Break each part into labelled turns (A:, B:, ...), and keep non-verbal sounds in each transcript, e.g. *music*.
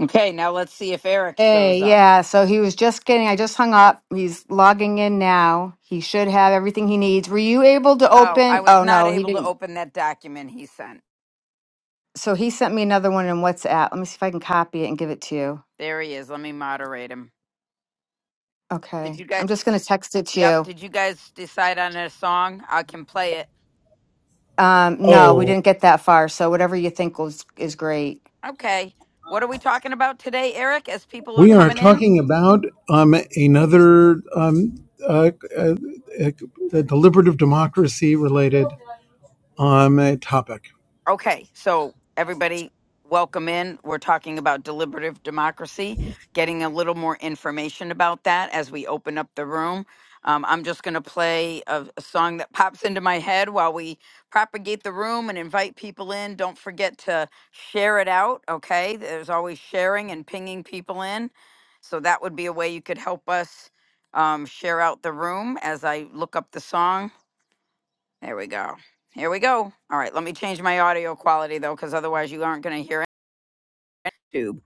A: Okay, now let's see if Eric
B: Hey,
A: shows up.
B: yeah. So he was just getting, I just hung up. He's logging in now. He should have everything he needs. Were you able to
A: Oh, I
B: open? Oh,
A: was not
B: no, he
A: able to
B: didn't.
A: open that document he sent.
B: So he sent me another one in WhatsApp. Let me see if I can copy it and give it to you.
A: There he is. Let me moderate him. Did you
B: Okay. I'm
A: guys?
B: just going to text it to
A: Yep.
B: you.
A: Did you guys decide on a song? I can play it.
B: Um, no, we
C: Oh,
B: didn't get that far. So whatever you think was, is great.
A: Okay. What are we talking about today, Eric, as people are
C: we are
A: coming in?
C: talking about um, another um, uh, uh, uh, uh, deliberative democracy related um, uh, topic.
A: Okay, so everybody, welcome in. We're talking about deliberative democracy, getting a little more information about that as we open up the room. Um, I'm just going to play a, a song that *laughs* pops into my head while we propagate the room and invite people in. Don't forget to share it out, okay? There's always sharing and pinging people in. So that would be a way you could help us um, share out the room as I look up the song. There we go. Here we go. All right, let me change my audio quality though, because otherwise you aren't going to hear it. Tube.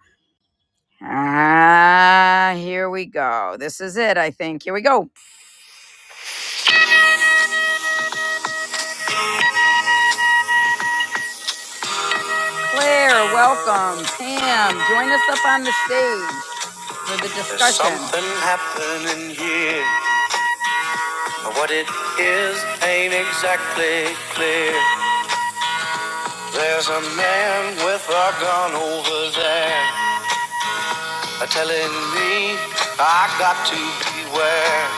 A: Ah, here we go. This is it, I think. Here we go. Claire, welcome. Pam, join us up on the stage for the There's discussion. something happening here, but what it is ain't exactly clear. There's a man with a gun over there, telling me I got to beware.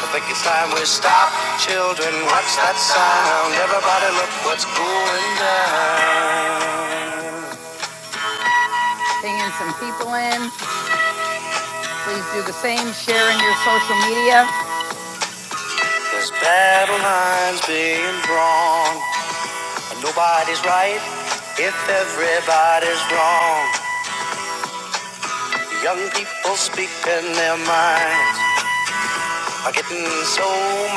A: I think it's time we stop. Children, what's that sound? Everybody look what's going down. Bringing some people in. Please do the same. Share in your social media. There's battle lines being drawn. And nobody's right if everybody's wrong. Young people speaking their minds. I'm getting so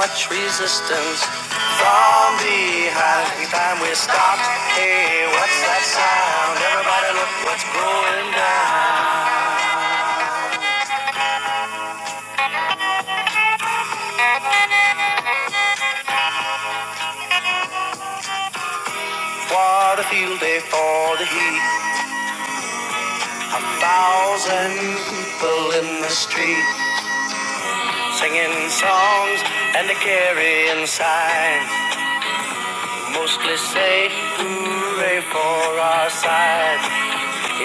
A: much resistance from behind every time we stop. Hey, what's that sound? Everybody look what's going down. What a field day for the heat. A thousand people in the street singing songs and they're carrying signs. Mostly say hooray for our side.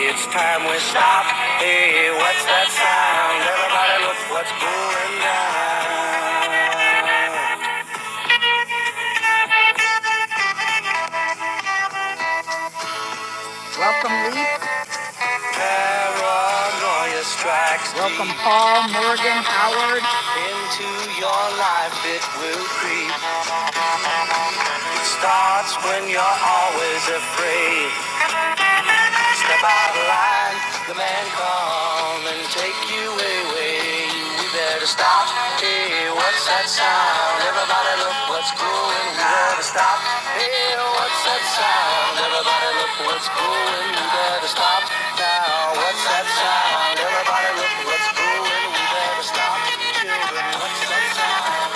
A: It's time we stop. Hey, what's that sound? Everybody look what's going down. Welcome, Leap. Paranoia strikes. Welcome, Paul, Morgan, Howard. Into your life it will creep. It starts when you're always afraid. Step out of line, the man come and take you away. We better stop. Hey, what's that sound? Everybody look what's going on. We better stop. Hey, what's that sound? Everybody look what's going on. We better stop now. What's that sound? Everybody look what's going on. We better stop. Children, what's that sound?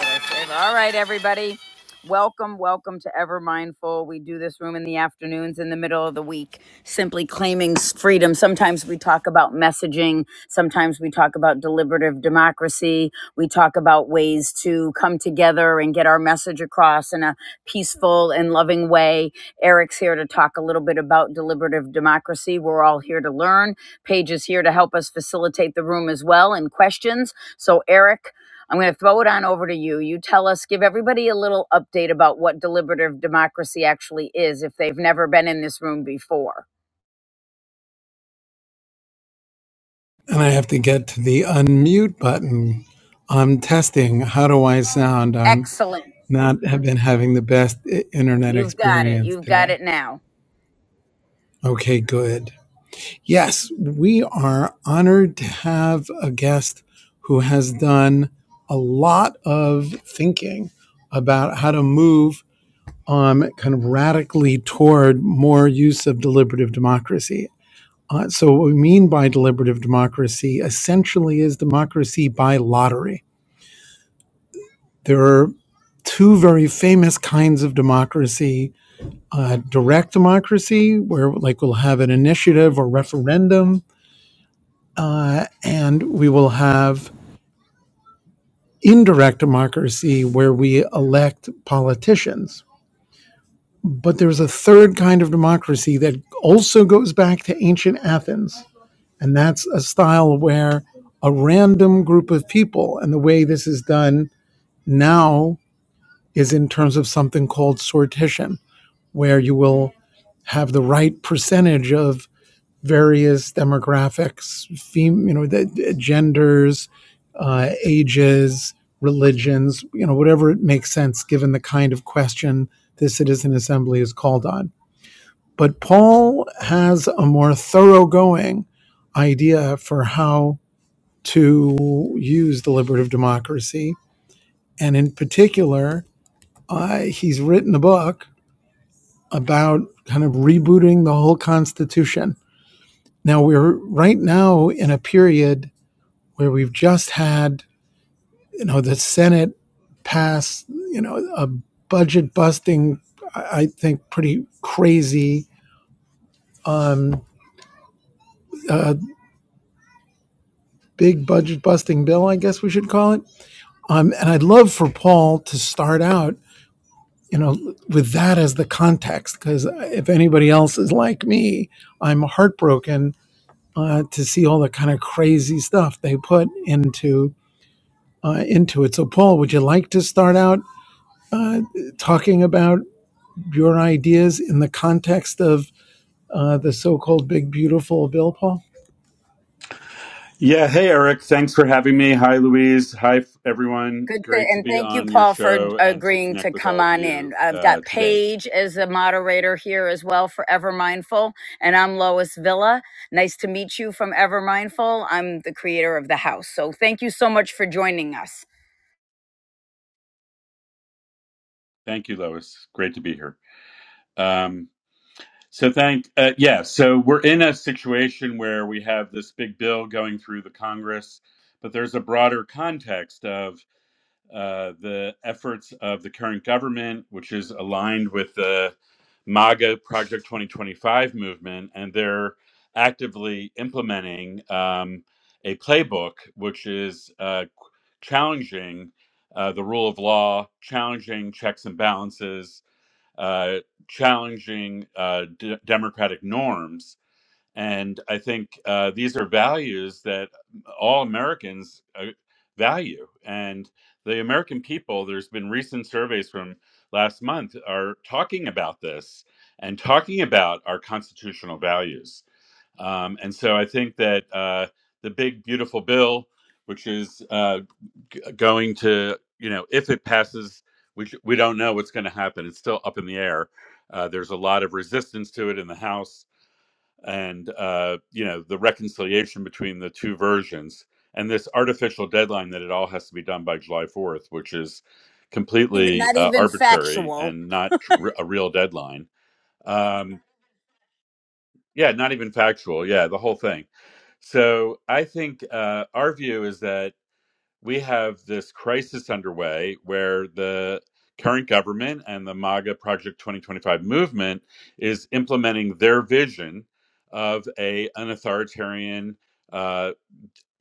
A: All right, everybody. Welcome, welcome to Ever Mindful. We do this room in the afternoons, in the middle of the week, simply claiming s- freedom. Sometimes we talk about messaging. Sometimes we talk about deliberative democracy. We talk about ways to come together and get our message across in a peaceful and loving way. Eric's here to talk a little bit about deliberative democracy. We're all here to learn. Paige is here to help us facilitate the room as well and questions. So, Eric, I'm going to throw it on over to you. You tell us, give everybody a little update about what deliberative democracy actually is if they've never been in this room before.
C: And I have to get to the unmute button. I'm testing. How do I sound? I'm
A: Excellent.
C: not have been having the best i- internet
A: You've got it.
C: experience
A: You've got
C: today.
A: it now.
C: Okay, good. Yes, we are honored to have a guest who has done a lot of thinking about how to move um, kind of radically toward more use of deliberative democracy. Uh, so, what we mean by deliberative democracy essentially is democracy by lottery. There are two very famous kinds of democracy uh, direct democracy, where like we'll have an initiative or referendum, uh, and we will have indirect democracy, where we elect politicians But there's a third kind of democracy that also goes back to ancient Athens. And that's a style where a random group of people, and the way this is done now is in terms of something called sortition, where you will have the right percentage of various demographics, fem- you know, the, the genders, uh, ages, religions, you know, whatever it makes sense given the kind of question this citizen assembly is called on but Paul has a more thoroughgoing idea for how to use deliberative democracy. And in particular, uh, he's written a book about kind of rebooting the whole Constitution. Now, we're right now in a period where we've just had, you know, the Senate pass, you know, a budget busting, I think, pretty crazy um, uh, big budget busting bill, I guess we should call it. Um, and I'd love for Paul to start out, you know, with that as the context, because if anybody else is like me, I'm heartbroken uh, to see all the kind of crazy stuff they put into uh, into it. So, Paul, would you like to start out uh, talking about your ideas in the context of uh, the so-called big beautiful bill, Paul?
D: Yeah. Hey, Eric. Thanks for having me. Hi, Louise. Hi, f- everyone.
A: Good. To,
D: Great to
A: and
D: be
A: thank you,
D: on your
A: Paul, for
D: show and to
A: agreeing to
D: connect with
A: come
D: all of
A: on in.
D: you
A: I've
D: uh,
A: got
D: today.
A: Paige as the moderator here as well for Ever Mindful. And I'm Lois Villa. Nice to meet you from Ever Mindful. I'm the creator of the house. So thank you so much for joining us.
D: Thank you, Lois. Great to be here. Um, so, thank, uh, yeah. So, we're in a situation where we have this big bill going through the Congress, but there's a broader context of uh, the efforts of the current government, which is aligned with the MAGA Project 2025 movement, and they're actively implementing um, a playbook which is uh, challenging uh, the rule of law, challenging checks and balances, uh, challenging uh, d- democratic norms and I think uh, these are values that all Americans uh, value. And the American people, there's been recent surveys from last month, are talking about this and talking about our constitutional values. Um, and so I think that uh, the big, beautiful bill, which is uh, g- going to, you know, if it passes, which we don't know what's going to happen, it's still up in the air. Uh, there's a lot of resistance to it in the House and uh, you know the reconciliation between the two versions and this artificial deadline that it all has to be done by july 4th which is
A: Even,
D: completely
A: not
D: uh,
A: even
D: arbitrary
A: factual.
D: and not r- a real deadline um, yeah not even factual yeah the whole thing so i think uh, our view is that we have this crisis underway where the current government and the MAGA Project 2025 movement is implementing their vision of a an authoritarian, uh,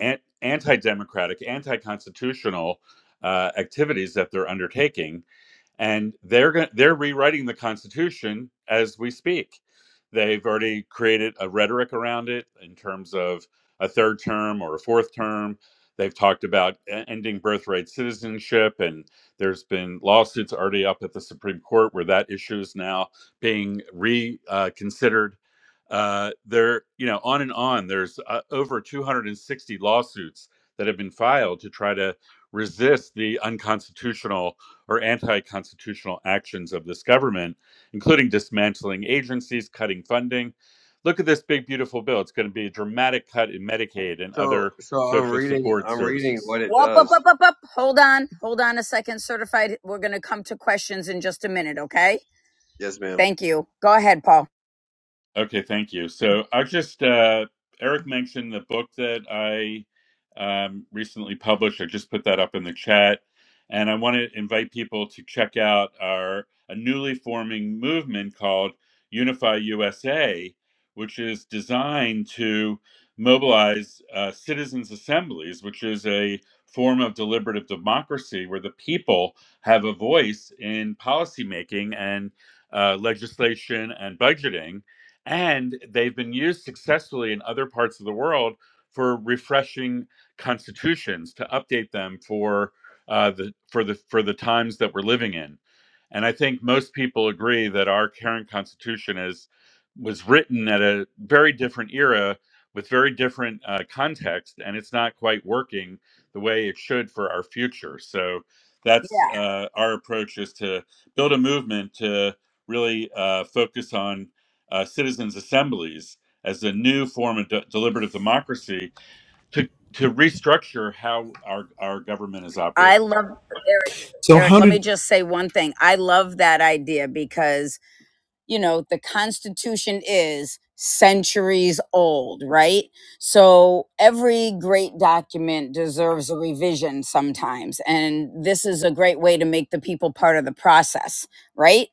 D: an- anti-democratic, anti-constitutional uh, activities that they're undertaking and they're going they're rewriting the constitution as we speak they've already created a rhetoric around it in terms of a third term or a fourth term they've talked about e- ending birthright citizenship and there's been lawsuits already up at the supreme court where that issue is now being reconsidered uh, considered. Uh, there you know on and on there's uh, over 260 lawsuits that have been filed to try to resist the unconstitutional or anti constitutional actions of this government, including dismantling agencies, cutting funding. Look at this big, beautiful bill. It's going to be a dramatic cut in Medicaid and
E: So,
D: other
E: so I'm
D: social
E: reading,
D: support
E: I'm reading
D: services.
E: what it
A: Whoop, up,
E: does.
A: up, up, up. Hold on. Hold on a second. Certified. We're going to come to questions in just a minute. Okay.
E: Yes, ma'am.
A: Thank you. Go ahead, Paul.
D: Okay, thank you. So I just uh, Eric mentioned the book that I um, recently published. I just put that up in the chat, and I want to invite people to check out our a newly forming movement called Unify USA, which is designed to mobilize uh, citizens' assemblies, which is a form of deliberative democracy where the people have a voice in policymaking and uh, legislation and budgeting and they've been used successfully in other parts of the world for refreshing constitutions to update them for uh, the for the for the times that we're living in. And I think most people agree that our current constitution is was written at a very different era with very different uh, context, and it's not quite working the way it should for our future. So that's
A: Yeah.
D: uh, our approach is to build a movement to really uh, focus on uh, citizens' assemblies as a new form of de- deliberative democracy to, to restructure how our, our government is
A: I
D: operating.
A: love Eric.
C: So
A: Eric,
C: how
A: let me
C: did
A: just say one thing. I love that idea because, you know, the Constitution is centuries old, right? So every great document deserves a revision sometimes. And this is a great way to make the people part of the process, right?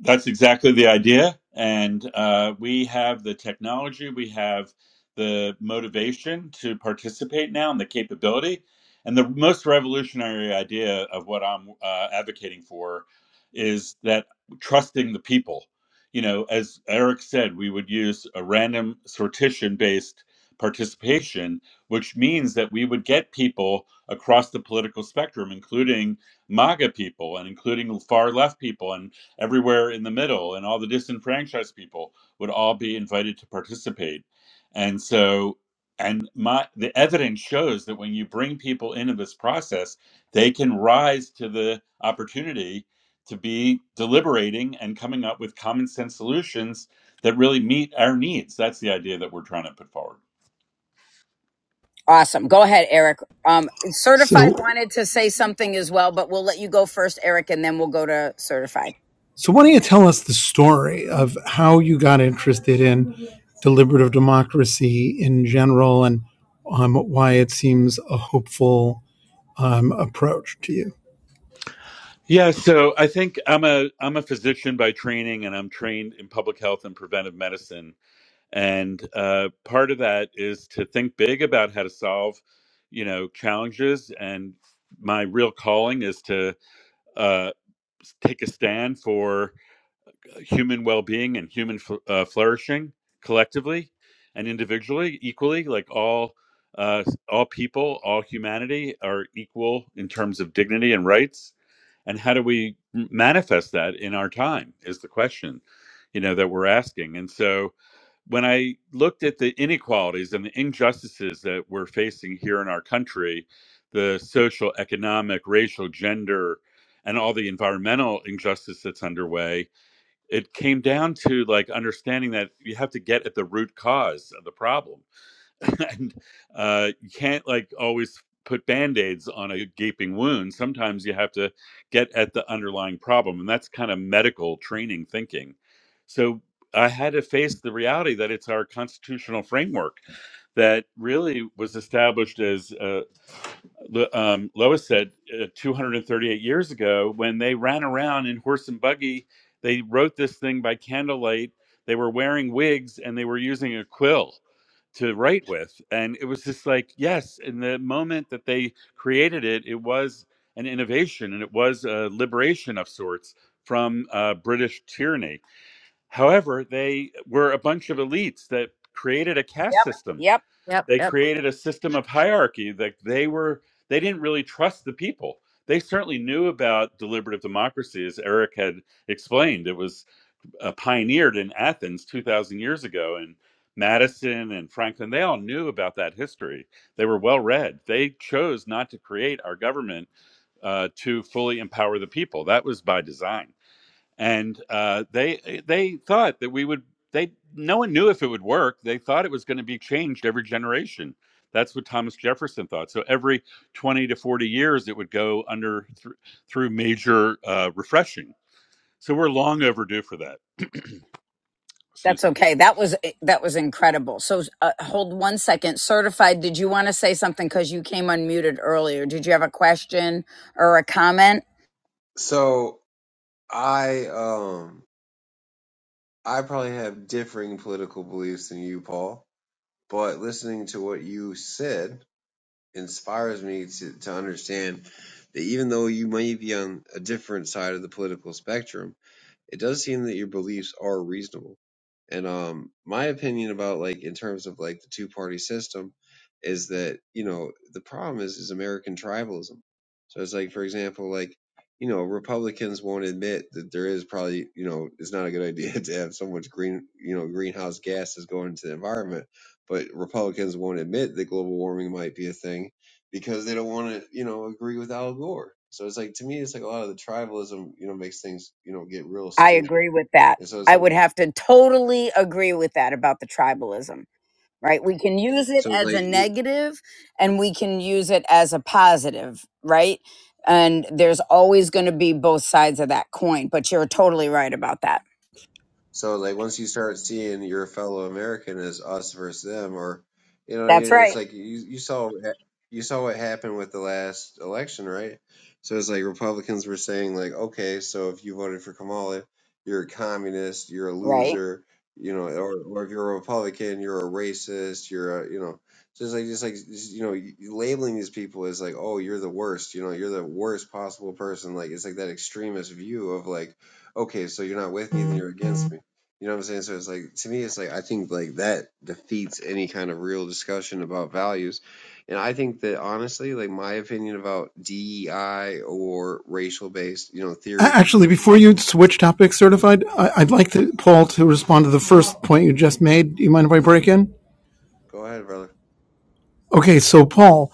D: That's exactly the idea. And uh, we have the technology, we have the motivation to participate now and the capability. And the most revolutionary idea of what I'm uh, advocating for is that trusting the people. You know, as Eric said, we would use a random sortition based participation, which means that we would get people across the political spectrum, including MAGA people and including far left people. And everywhere in the middle, and all the disenfranchised people would all be invited to participate. And so, and my the evidence shows that when you bring people into this process, they can rise to the opportunity to be deliberating and coming up with common sense solutions that really meet our needs. That's the idea that we're trying to put forward.
A: Awesome. Go ahead, Eric. Um, certified
C: so
A: wanted to say something as well, but we'll let you go first, Eric, and then we'll go to certified.
C: So, why don't you tell us the story of how you got interested in deliberative democracy in general and um, why it seems a hopeful um, approach to you?
D: Yeah, so I think I'm a I'm a physician by training, and I'm trained in public health and preventive medicine. And uh, part of that is to think big about how to solve, you know, challenges. And my real calling is to uh, s- take a stand for human well-being and human fl- uh, flourishing collectively and individually equally like all uh, all people all humanity are equal in terms of dignity and rights and how do we m- manifest that in our time is the question you know that we're asking and so when i looked at the inequalities and the injustices that we're facing here in our country the social economic racial gender and all the environmental injustice that's underway it came down to like understanding that you have to get at the root cause of the problem *laughs* and uh, you can't like always put band-aids on a gaping wound sometimes you have to get at the underlying problem and that's kind of medical training thinking so i had to face the reality that it's our constitutional framework that really was established as uh, Lo- um, Lois said uh, 238 years ago when they ran around in horse and buggy. They wrote this thing by candlelight. They were wearing wigs and they were using a quill to write with and it was just like yes in the moment that they created it it was an innovation and it was a liberation of sorts from uh, british tyranny however they were a bunch of elites that created a caste
A: Yep.
D: system
A: Yep.
B: Yep.
D: they created a system of hierarchy that they were they didn't really trust the people they certainly knew about deliberative democracy as eric had explained it was uh, pioneered in Athens 2,000 years ago. And Madison and Franklin, they all knew about that history. They were well read. They chose not to create our government uh, to fully empower the people. That was by design. And uh, they eh, they thought that we would. They no one knew if it would work. They thought it was going to be changed every generation. That's what Thomas Jefferson thought. So every 20 to 40 years, it would go under thr through major uh, refreshing. So we're long overdue for that. *clears throat*
A: That's
D: Excuse me.
A: okay. That was eh, that was incredible. So uh, hold one second. Certified, did you want to say something because you came unmuted earlier? Did you have a question or a comment?
E: So I, um, I probably have differing political beliefs than you, Paul, but listening to what you said inspires me to, to understand that even though you may be on a different side of the political spectrum, it does seem that your beliefs are reasonable. And um, my opinion about like in terms of like the two party system is that you know the problem is is American tribalism. So it's like for example, like you know Republicans won't admit that there is probably you know it's not a good idea *laughs* to have so much green you know greenhouse gases going into the environment, but Republicans won't admit that global warming might be a thing because they don't want to, you know, agree with Al Gore. So it's like to me, it's like a lot of the tribalism, you know, makes things, you know, get real
A: I
E: stupid.
A: agree with that.
E: And so it's
A: I
E: like,
A: would have to totally agree with that about the tribalism. right? We can use it
E: so it's
A: as a
E: like,
A: negative and we can use it as a positive, right? And there's always going to be both sides of that coin, but you're totally right about that.
E: So like once you start seeing your fellow American as us versus them, or you know,
A: That's
E: it's
A: right.
E: like you you saw you saw what happened with the last election, right? So it's like Republicans were saying like, okay, so if you voted for Kamala, you're a communist, you're a
A: Right.
E: loser, you know, or, or if you're a Republican, you're a racist, you're a you know, just like just like you know, labeling these people as like, oh, you're the worst, you know, you're the worst possible person. Like it's like that extremist view of like okay, so you're not with me, then you're against me. You know what I'm saying? So it's like to me, it's like I think like that defeats any kind of real discussion about values, and I think that honestly, like my opinion about DEI or racial based, you know, theory.
C: Actually, before you switch topics, certified, I- I'd like to, Paul to respond to the first point you just made. Do you mind if I break in?
E: Go ahead, brother.
C: Okay, so Paul,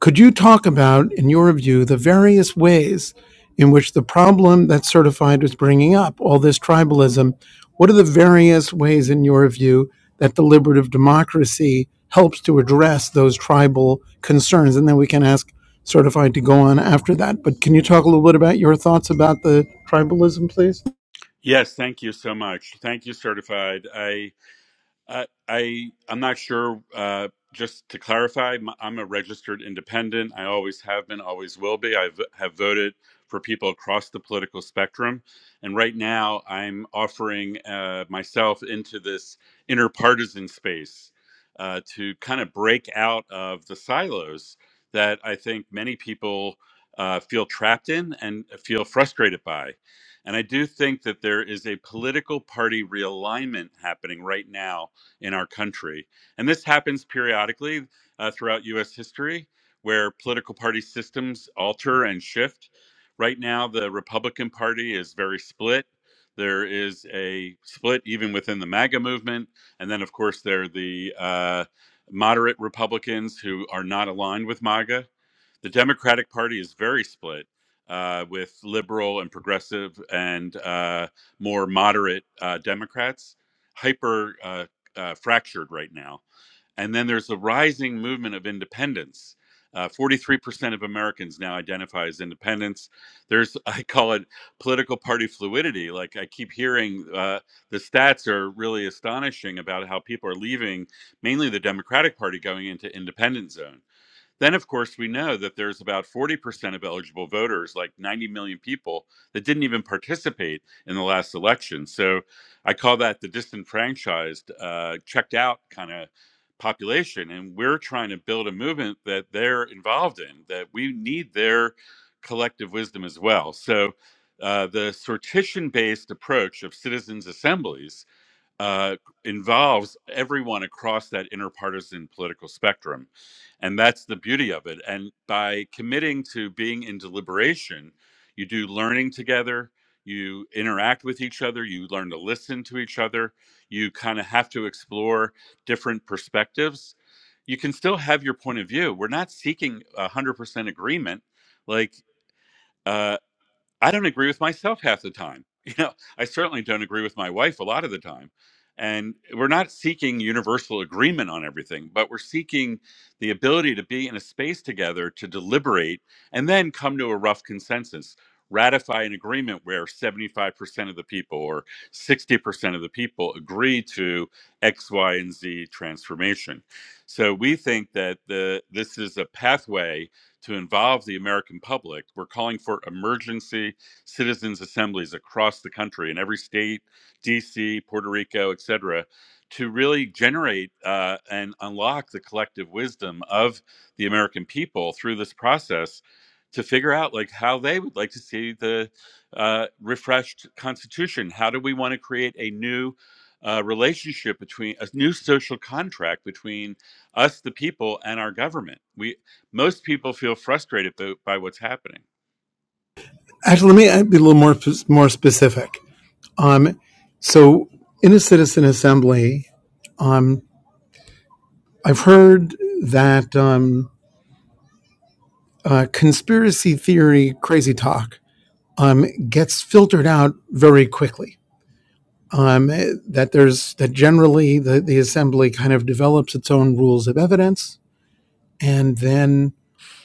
C: Could you talk about, in your view, the various ways in which the problem that certified was bringing up, all this tribalism, what are the various ways, in your view, that deliberative democracy helps to address those tribal concerns? And then we can ask certified to go on after that. But can you talk a little bit about your thoughts about the tribalism, please?
D: Yes, thank you so much. Thank you, certified. I I, I I'm not sure. Uh, just to clarify, m- I'm a registered independent. I always have been, always will be. I v- have voted for people across the political spectrum, and right now I'm offering uh, myself into this interpartisan space uh, to kind of break out of the silos that I think many people uh, feel trapped in and feel frustrated by. And I do think that there is a political party realignment happening right now in our country. And this happens periodically uh, throughout US history where political party systems alter and shift. Right now, the Republican Party is very split. There is a split even within the MAGA movement. And then, of course, there are the uh, moderate Republicans who are not aligned with MAGA the Democratic Party is very split, uh, with liberal and progressive and uh, more moderate uh, Democrats, hyper uh, uh, fractured right now. And then there's a rising movement of independents. Uh, 43% of Americans now identify as independents. There's, *laughs* I call it political party fluidity. Like I keep hearing uh, the stats are really astonishing about how people are leaving, mainly the Democratic Party, going into independent zone then, of course, we know that there's about 40% of eligible voters, like 90 million people, that didn't even participate in the last election. So I call that the disenfranchised, uh, checked out kind of population. And we're trying to build a movement that they're involved in, that we need their collective wisdom as well. So uh, the sortition based approach of citizens' assemblies uh, involves everyone across that interpartisan political spectrum. And that's the beauty of it. And by committing to being in deliberation, you do learning together, you interact with each other, you learn to listen to each other, you kind of have to explore different perspectives. You can still have your point of view. We're not seeking 100% agreement. Like, uh, I don't agree with myself half the time. *laughs* You know, I certainly don't agree with my wife a lot of the time. And we're not seeking universal agreement on everything, but we're seeking the ability to be in a space together to deliberate and then come to a rough consensus, ratify an agreement where 75% of the people or 60% of the people agree to X, Y, and Z transformation. So we think that the, this is a pathway to involve the American public. We're calling for emergency citizens' assemblies across the country in every state, DC, Puerto Rico, et cetera, to really generate uh, and unlock the collective wisdom of the American people through this process to figure out like how they would like to see the uh, refreshed constitution. How do we want to create a new uh, relationship between a new social contract between us, the people, and our government? We most people feel frustrated by what's happening
C: Actually, let me be a little more more specific. Um, so in a citizen assembly, um, I've heard that. Um, uh, conspiracy theory crazy talk um, gets filtered out very quickly. Um, eh, that there's that generally the, the assembly kind of develops its own rules of evidence, and then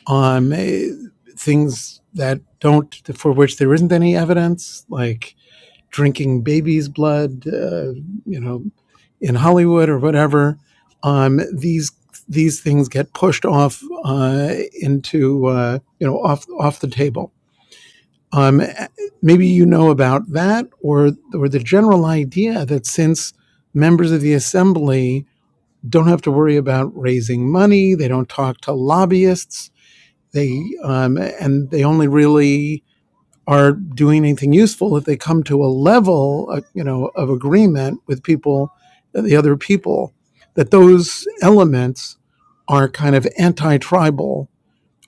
C: um, eh, things that don't for which there isn't any evidence, like drinking baby's blood, uh, you know, in Hollywood or whatever. Um, these these things get pushed off uh, into uh, you know off off the table Um, maybe you know about that, or or the general idea that since members of the assembly don't have to worry about raising money, they don't talk to lobbyists, they um, and they only really are doing anything useful if they come to a level, uh, you know, of agreement with people, uh, the other people, that those elements are kind of anti-tribal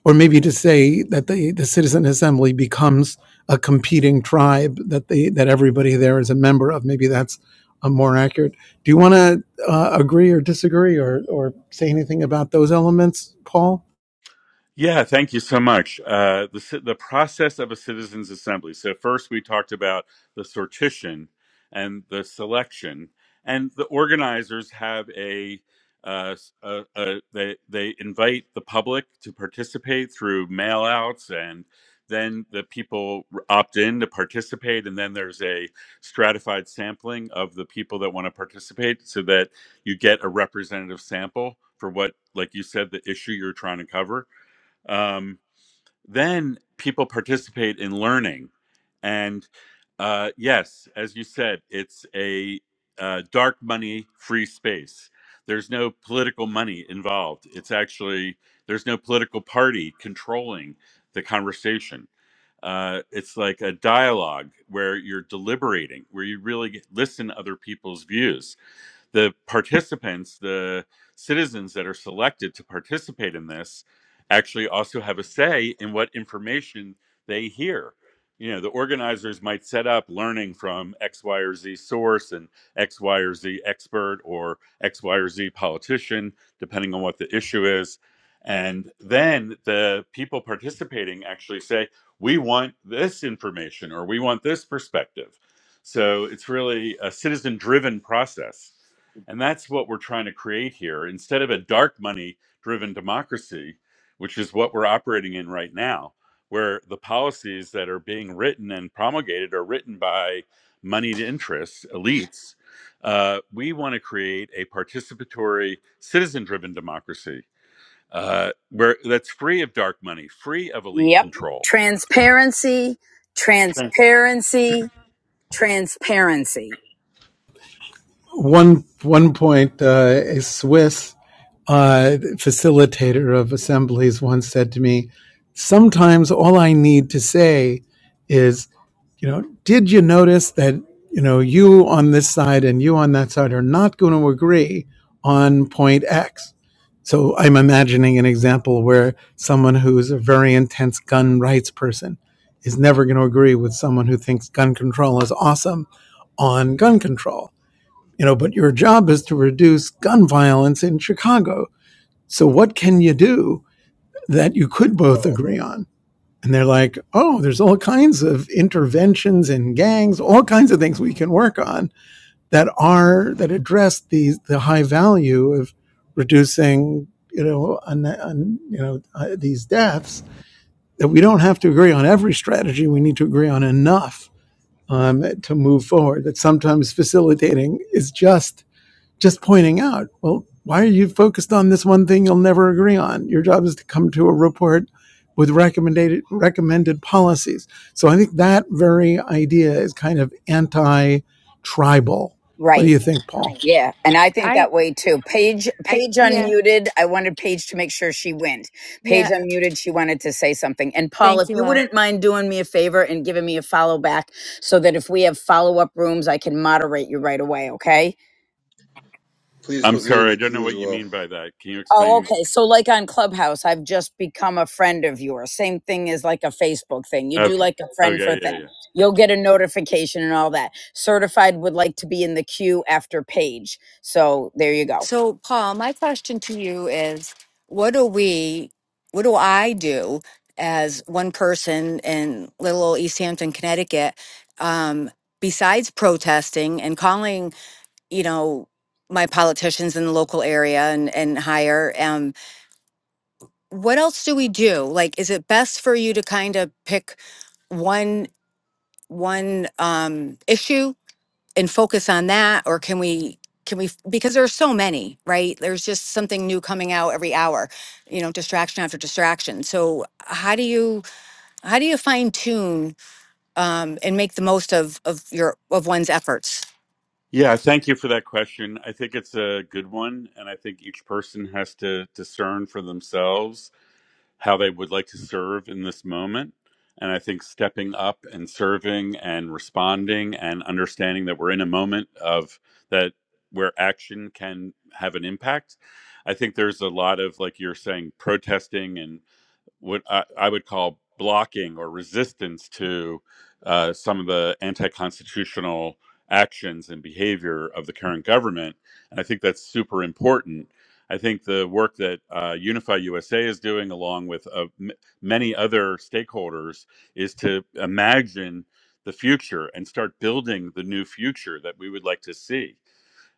C: or maybe to say that the, the citizen assembly becomes a competing tribe that they that everybody there is a member of. Maybe that's a more accurate. Do you want to uh, agree or disagree or or say anything about those elements, Paul?
D: Yeah, thank you so much. Uh, the ci- the process of a citizens assembly. So first we talked about the sortition and the selection, and the organizers have a, uh, s- a- a- they they invite the public to participate through mail outs and. Then the people r- opt in to participate, and then there's a stratified sampling of the people that want to participate, so that you get a representative sample for what, like you said, the issue you're trying to cover um, then people participate in learning and uh, yes as you said it's a uh, dark money free space there's no political money involved it's actually there's no political party controlling the conversation uh, it's like a dialogue where you're deliberating where you really get- listen to other people's views the participants, the citizens that are selected to participate in this, actually also have a say in what information they hear. You know, the organizers might set up learning from X, Y, or Z source and X, Y, or Z expert or X, Y, or Z politician, depending on what the issue is. And then the people participating actually say, we want this information or we want this perspective. So it's really a citizen driven process. And that's what we're trying to create here. Instead of a dark money driven democracy, which is what we're operating in right now, where the policies that are being written and promulgated are written by moneyed interests, elites, uh, we want to create a participatory, citizen driven democracy uh, where that's free of dark money, free of elite
A: Yep.
D: control.
A: Transparency,
D: Sure.
A: transparency, transparency.
C: One one point, uh, a Swiss uh, facilitator of assemblies once said to me, "Sometimes all I need to say." is." you know, did you notice that, you know, you on this side and you on that side are not going to agree on point X? So I'm imagining an example where someone who's a very intense gun rights person is never going to agree with someone who thinks gun control is awesome on gun control. You know, but your job is to reduce gun violence in Chicago. So what can you do that you could both
E: Oh,
C: agree on? And they're like, oh, there's all kinds of interventions and gangs, all kinds of things we can work on that are that address the the high value of reducing, you know, un, un- you know uh, these deaths. That we don't have to agree on every strategy. We need to agree on enough um, to move forward. That sometimes facilitating is just just pointing out, well, why are you focused on this one thing you'll never agree on? Your job is to come to a report with recommended recommended policies. So I think that very idea is kind of anti-tribal. What
A: Right.
C: do you think, Paul? Right.
A: Yeah, and I think
B: I
A: that way too. Paige,
B: I
A: Paige
B: yeah.
A: unmuted. I wanted Paige to make sure she went.
B: Yeah.
A: Paige unmuted. She wanted to say something. And Paul,
B: Thank
A: if
B: you,
A: you
B: love.
A: wouldn't mind doing me a favor and giving me a follow back, so that if we have follow up rooms, I can moderate you right away. Okay.
E: please
D: I'm
E: put me in
D: sorry, I
E: the
D: don't know
E: queue as
D: what you
E: well.
D: mean by that. Can you
A: Oh,
D: explain?
A: okay. So, like on Clubhouse, I've just become a friend of yours. Same thing as like a Facebook thing. You do
D: Okay.
A: like a friend for
D: Okay, yeah, yeah.
A: thing.
D: yeah.
A: You'll get a notification and all that. Certified would like to be in the queue after Paige. So there you go.
B: So, Paul, my question to you is what do we, what do I do as one person in little old East Hampton, Connecticut, um, besides protesting and calling, you know, my politicians in the local area? And, and what else do we do? Like, is it best for you to kind of pick one? one um issue and focus on that or can we can we because there are so many right there's just something new coming out every hour you know distraction after distraction so how do you how do you fine tune um, and make the most of of your of one's efforts
D: Yeah, thank you for that question. I think it's a good one. And I think each person has to discern for themselves how they would like to serve in this moment. And I think stepping up and serving and responding and understanding that we're in a moment of that where action can have an impact. I think there's a lot of, like you're saying, protesting and what I, I would call blocking or resistance to uh, some of the anti-constitutional actions and behavior of the current government, and I think that's super important. I think the work that uh, Unify USA is doing, along with uh, m- many other stakeholders, is to imagine the future and start building the new future that we would like to see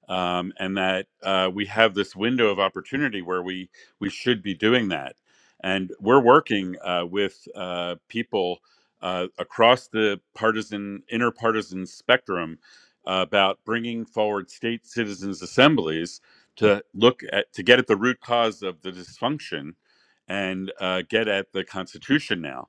D: um, and that uh, we have this window of opportunity where we we should be doing that. And we're working uh, with uh, people uh, across the partisan interpartisan spectrum uh, about bringing forward state citizens assemblies to look at to get at the root cause of the dysfunction and uh, get at the Constitution now.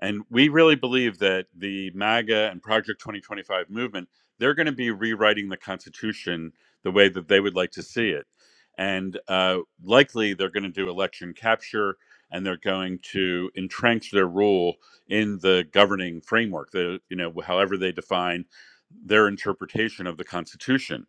D: And we really believe that the MAGA and Project 2025 movement, they're going to be rewriting the Constitution the way that they would like to see it. And uh, likely they're going to do election capture and they're going to entrench their rule in the governing framework, the, you know, however they define their interpretation of the Constitution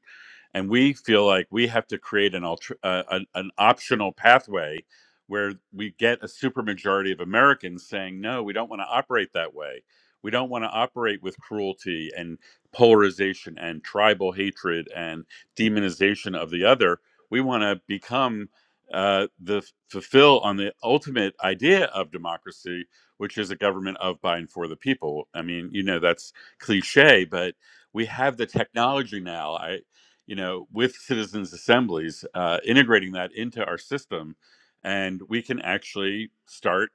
D: and we feel like we have to create an alter, uh, an, an optional pathway where we get a supermajority of Americans saying no, we don't want to operate that way. We don't want to operate with cruelty and polarization and tribal hatred and demonization of the other. We want to become uh, the fulfill on the ultimate idea of democracy, which is a government of, by, and for the people. I mean, you know, that's cliche, but we have the technology now. I you know, with citizens assemblies, uh, integrating that into our system, and we can actually start,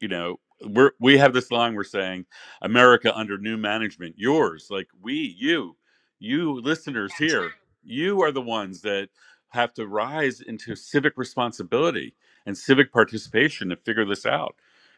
D: you know, we're we have this line we're saying, America under new management, yours, like we, you, you listeners here, right. you are the ones that have to rise into civic responsibility and civic participation to figure this out.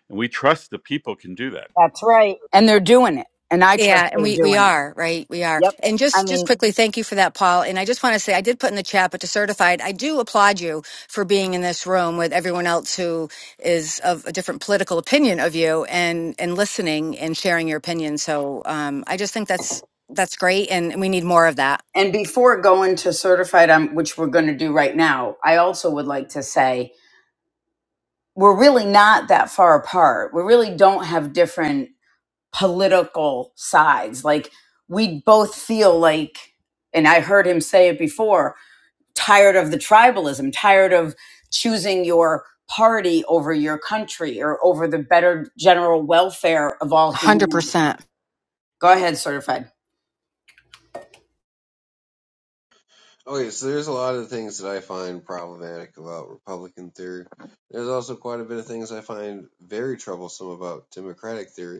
D: And we trust the people can do that.
A: That's right. And they're doing it. And I trust
B: Yeah, and
A: they're
B: we we
A: doing it.
B: are, right? We are.
A: Yep.
B: And
A: I
B: just just
A: mean,
B: quickly, thank you for that, Paul. And I just want to say I did put in the chat, but to certified, I do applaud you for being in this room with everyone else who is of a different political opinion of you and and listening and sharing your opinion. So um I just think that's that's great and we need more of that.
A: And before going to certified, um, which we're going to do right now, I also would like to say we're really not that far apart. We really don't have different political sides. Like we both feel like, and I heard him say it before, tired of the tribalism, tired of choosing your party over your country or over the better general welfare of all
B: hundred
A: humanity.
B: percent.
A: Go ahead, certified.
E: Okay, so there's a lot of things that I find problematic about Republican theory. There's also quite a bit of things I find very troublesome about Democratic theory.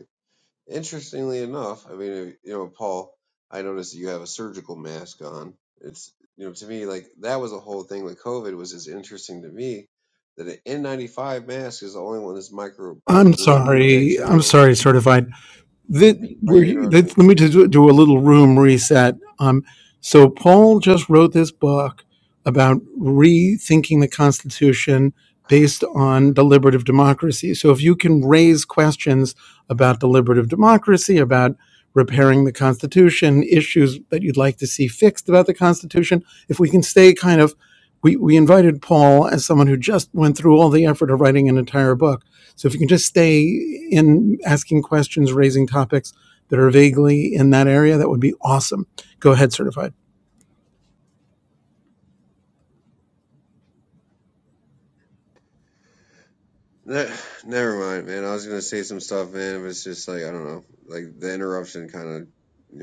E: Interestingly enough, I mean, you know, Paul, I noticed that you have a surgical mask on. It's, you know, to me, like that was a whole thing with COVID was just interesting to me that an N95 mask is the only one that's micro by,
C: I'm
E: you know,
C: sorry. I'm
E: bacterial.
C: sorry, certified. That
E: Why are you
C: we're,
E: interrupting me?
C: that, let me just do, do a little room reset. Um, so Paul just wrote this book about rethinking the Constitution based on deliberative democracy. So if you can raise questions about deliberative democracy, about repairing the Constitution, issues that you'd like to see fixed about the Constitution, if we can stay kind of, we, we invited Paul as someone who just went through all the effort of writing an entire book so if you can just stay in asking questions, raising topics that are vaguely in that area, that would be awesome. Go ahead, certified.
E: Ne- Never mind, man. I was gonna say some stuff, man, but it's just like I don't know, like the interruption kind of you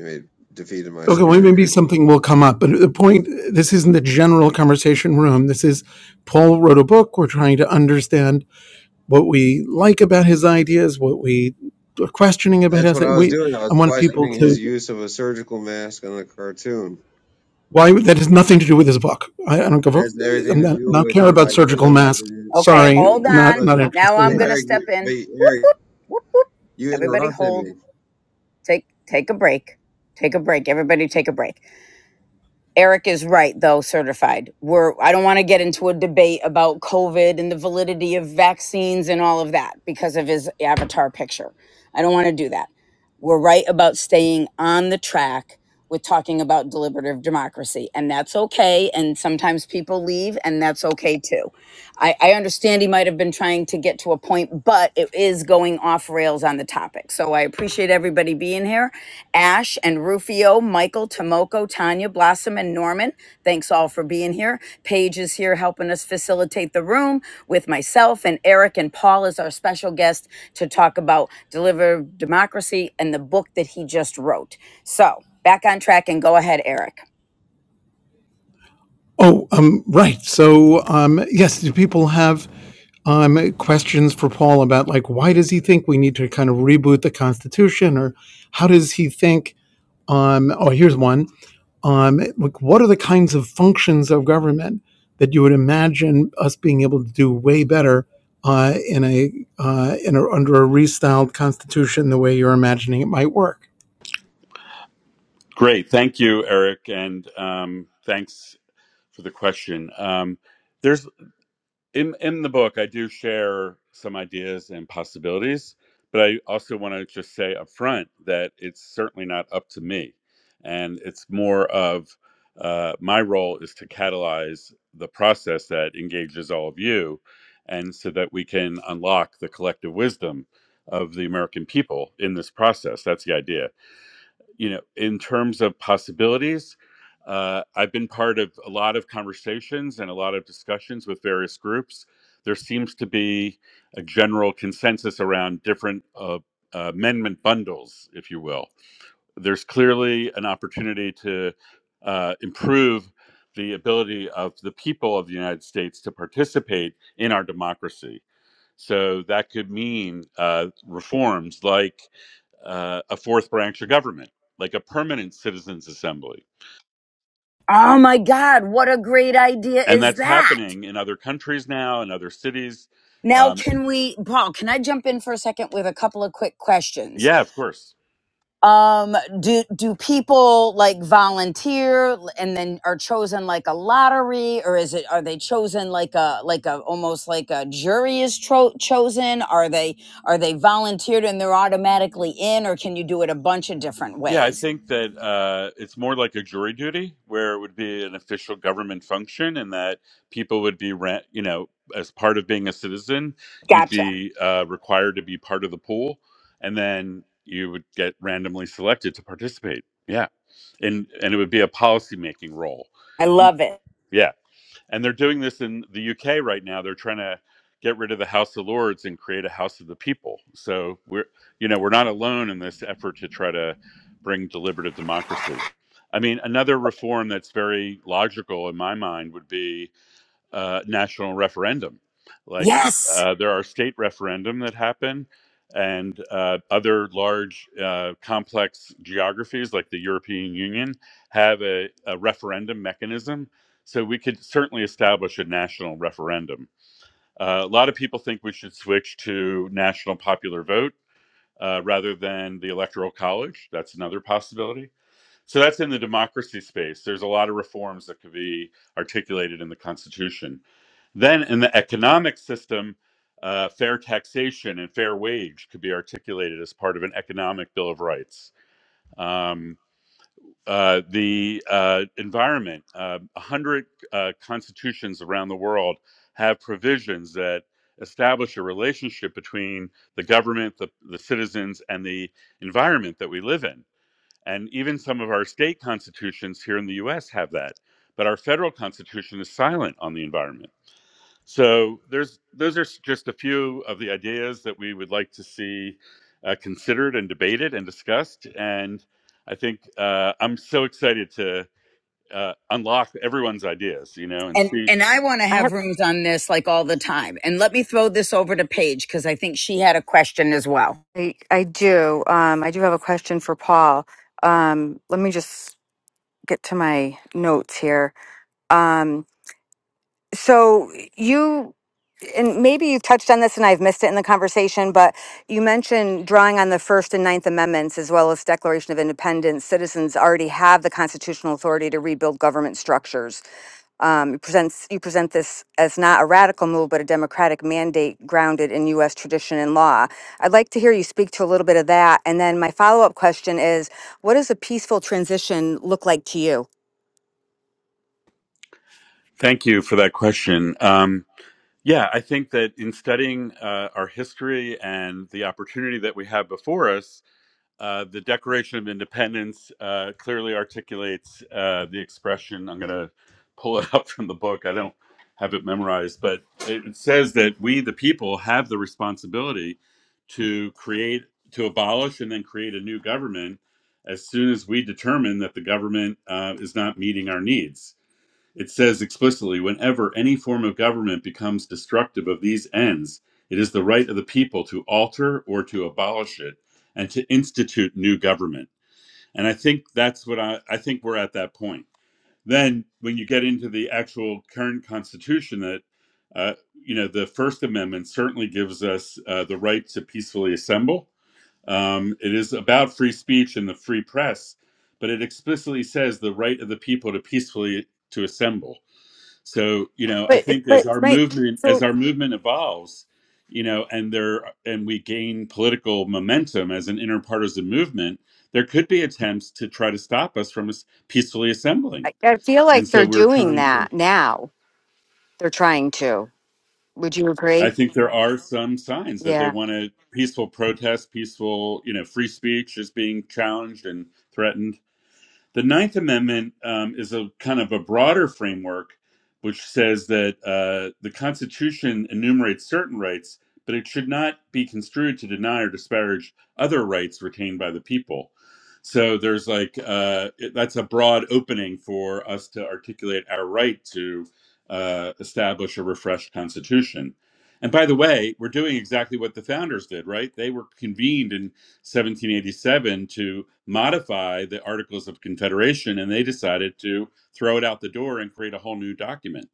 E: defeated my
C: Okay, well,
E: spirit
C: maybe
E: here.
C: something will come up. But the point this isn't the general conversation room. This is Paul wrote a book. We're trying to understand what we like about his ideas, what we are questioning about
E: That's
C: his.
E: what I
C: ideas.
E: was
C: We,
E: doing. I
C: I
E: was
C: want people
E: questioning his
C: to,
E: use of a surgical mask on a cartoon.
C: why, that has nothing to do with his book. I, I don't give a,
E: That's everything
C: I'm
E: to
C: not,
E: do
C: not
E: with
C: care
E: his
C: about surgical
E: ideas.
C: masks.
E: It- it-
A: Okay,
C: Sorry,
A: hold
E: it-
C: not,
A: on.
E: Look,
C: not
A: Now
C: interested
E: but
C: in
A: I'm
C: that.
A: gonna
E: Eric,
A: step
E: but
A: in. Whoop
E: Eric,
A: whoop whoop whoop.
E: you
A: Everybody
E: interrupted me.
A: hold. Take take a break. Take a break. Everybody take a break. Eric is right, though, certified. We're, I don't want to get into a debate about COVID and the validity of vaccines and all of that because of his avatar picture. I don't want to do that. We're right about staying on the track with talking about deliberative democracy, and that's okay. And sometimes people leave, and that's okay too. I, I understand he might have been trying to get to a point, but it is going off rails on the topic. So I appreciate everybody being here. Ash and Rufio, Michael, Tomoko, Tanya, Blossom, and Norman. Thanks all for being here. Paige is here helping us facilitate the room with myself and Eric and Paul is our special guest to talk about Deliver Democracy and the book that he just wrote. So back on track and go ahead, Eric.
C: Oh, um, right. So, um, yes, do people have um, questions for Paul about like why does he think we need to kind of reboot the Constitution, or how does he think? Um, oh, here's one. Um, like, what are the kinds of functions of government that you would imagine us being able to do way better uh, in a uh, in a, under a restyled Constitution the way you're imagining it might work?
D: Great. Thank you, Eric. And um, thanks for the question. Um, there's in in the book i do share some ideas and possibilities but i also want to just say up front that it's certainly not up to me and it's more of uh, my role is to catalyze the process that engages all of you and so that we can unlock the collective wisdom of the american people in this process that's the idea you know, in terms of possibilities, uh, I've been part of a lot of conversations and a lot of discussions with various groups. There seems to be a general consensus around different uh, amendment bundles, if you will there's clearly an opportunity to uh, improve the ability of the people of the United States to participate in our democracy. So that could mean uh, reforms like uh, a fourth branch of government, like a permanent citizens' assembly.
A: Oh my God, what a great idea
D: And
A: is
D: that's
A: that?
D: happening in other countries now, in other cities.
A: Now,
D: Um,
A: can we, Paul, can I jump in for a second with a couple of quick questions?
D: yeah, of course.
A: um do do people like volunteer and then are chosen like a lottery or is it are they chosen like a like a almost like a jury is tro- chosen are they are they volunteered and they're automatically in or can you do it a bunch of different
D: Yeah, I
A: ways
D: think that uh, it's more like a jury duty where it would be an official government function and that people would be rent, you know, as part of being a citizen, you'd
A: gotcha
D: be uh, required to be part of the pool and then you would get randomly selected to participate. Yeah. And and it would be a policy making role.
A: i love it
D: Yeah. And they're doing this in the UK right now. They're trying to get rid of the House of Lords and create a House of the People. So we're, you know, we're not alone in this effort to try to bring deliberative democracy. I mean, another reform that's very logical in my mind would be uh, national referendum. Like
A: yes
D: uh, there are state referendum that happen, and uh, other large, uh, complex geographies like the European Union have a, a referendum mechanism. So we could certainly establish a national referendum. Uh, a lot of people think we should switch to national popular vote uh, rather than the electoral college. That's another possibility so that's in the democracy space. There's a lot of reforms that could be articulated in the Constitution. Then in the economic system, uh, fair taxation and fair wage could be articulated as part of an economic bill of rights. Um, uh, the uh, environment, uh, 100 uh, constitutions around the world have provisions that establish a relationship between the government, the, the citizens, and the environment that we live in and even some of our state constitutions here in the US have that. But our federal constitution is silent on the environment. So there's those are just a few of the ideas that we would like to see uh, considered and debated and discussed. And I think uh, I'm so excited to uh, unlock everyone's ideas, you know, and
A: And
D: see.
A: and I want to
B: I have
A: have rooms on this like all the time. And let me throw this over to Paige because I think she had a question as well.
B: I, I do. Um I do have a question for Paul. Um let me just get to my notes here. So you, and maybe you've touched on this and I've missed it in the conversation, but you mentioned drawing on the First and Ninth Amendments as well as Declaration of Independence. Citizens already have the constitutional authority to rebuild government structures. Um, you, presents, you present this as not a radical move, but a democratic mandate grounded in U.S. tradition and law. I'd like to hear you speak to a little bit of that. And then my follow up question is what does a peaceful transition look like to you?
D: Thank you for that question. Um, yeah, I think that in studying uh, our history and the opportunity that we have before us, Uh, the Declaration of Independence uh, clearly articulates uh, the expression. I'm going to pull it *laughs* up from the book. I don't have it memorized, but it says that we, the people, have the responsibility to create, to abolish, and then create a new government as soon as we determine that the government uh, is not meeting our needs it says explicitly whenever any form of government becomes destructive of these ends, it is the right of the people to alter or to abolish it and to institute new government. And I think that's what I, I think we're at that point. Then, when you get into the actual current constitution, that uh, you know, the First Amendment certainly gives us uh, the right to peacefully assemble. Um, it is about free speech and the free press, but it explicitly says the right of the people to peacefully to assemble so you know i
B: But
D: think as
B: but
D: our
B: Right.
D: movement as our movement evolves you know and there and we gain political momentum as an interpartisan movement there could be attempts to try to stop us from as- peacefully assembling
B: I, I feel
D: and
B: like
D: so
B: they're
D: we're
B: doing
D: trying to
B: that now. They're trying to. Would you
D: i
B: agree?
D: think there are some signs that they
B: Yeah.
D: want to peaceful protest peaceful you know free speech is being challenged and threatened The Ninth Amendment um, is a kind of a broader framework, which says that uh, the Constitution enumerates certain rights, but it should not be construed to deny or disparage other rights retained by the people. So there's like uh, it- that's a broad opening for us to articulate our right to uh, establish a refreshed Constitution. And by the way, we're doing exactly what the founders did, right? They were convened in 1787 to modify the Articles of Confederation, and they decided to throw it out the door and create a whole new document.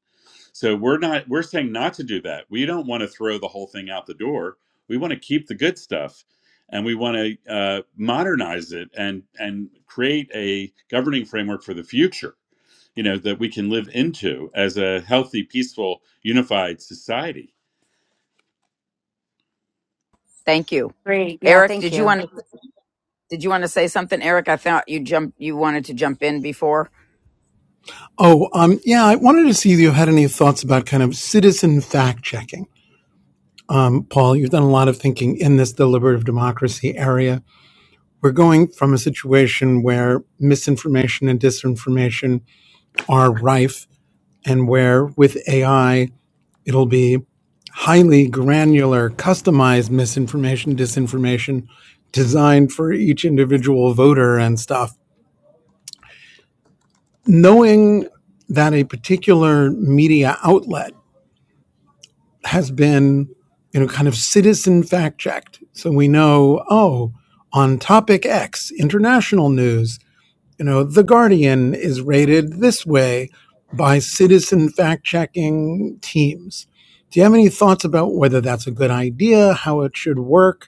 D: So we're not we're saying not to do that. We don't want to throw the whole thing out the door. We want to keep the good stuff, and we want to uh, modernize it and and create a governing framework for the future. You know that we can live into as a healthy, peaceful, unified society.
A: Thank you,
B: Great. Yeah.
A: Eric.
B: Thank
A: Did you
B: you.
A: want to did you want to say something, Eric? I thought you jumped you wanted to jump in before.
C: Oh, um, yeah, I wanted to see if you had any thoughts about kind of citizen fact checking. Um, Paul, you've done a lot of thinking in this deliberative democracy area. We're going from a situation where misinformation and disinformation are rife, and where with AI, it'll be highly granular, customized misinformation, disinformation designed for each individual voter and stuff. Knowing that a particular media outlet has been, you know, kind of citizen fact checked. So we know, oh, on topic X, international news, you know, The Guardian is rated this way by citizen fact checking teams. Do you have any thoughts about whether that's a good idea, how it should work?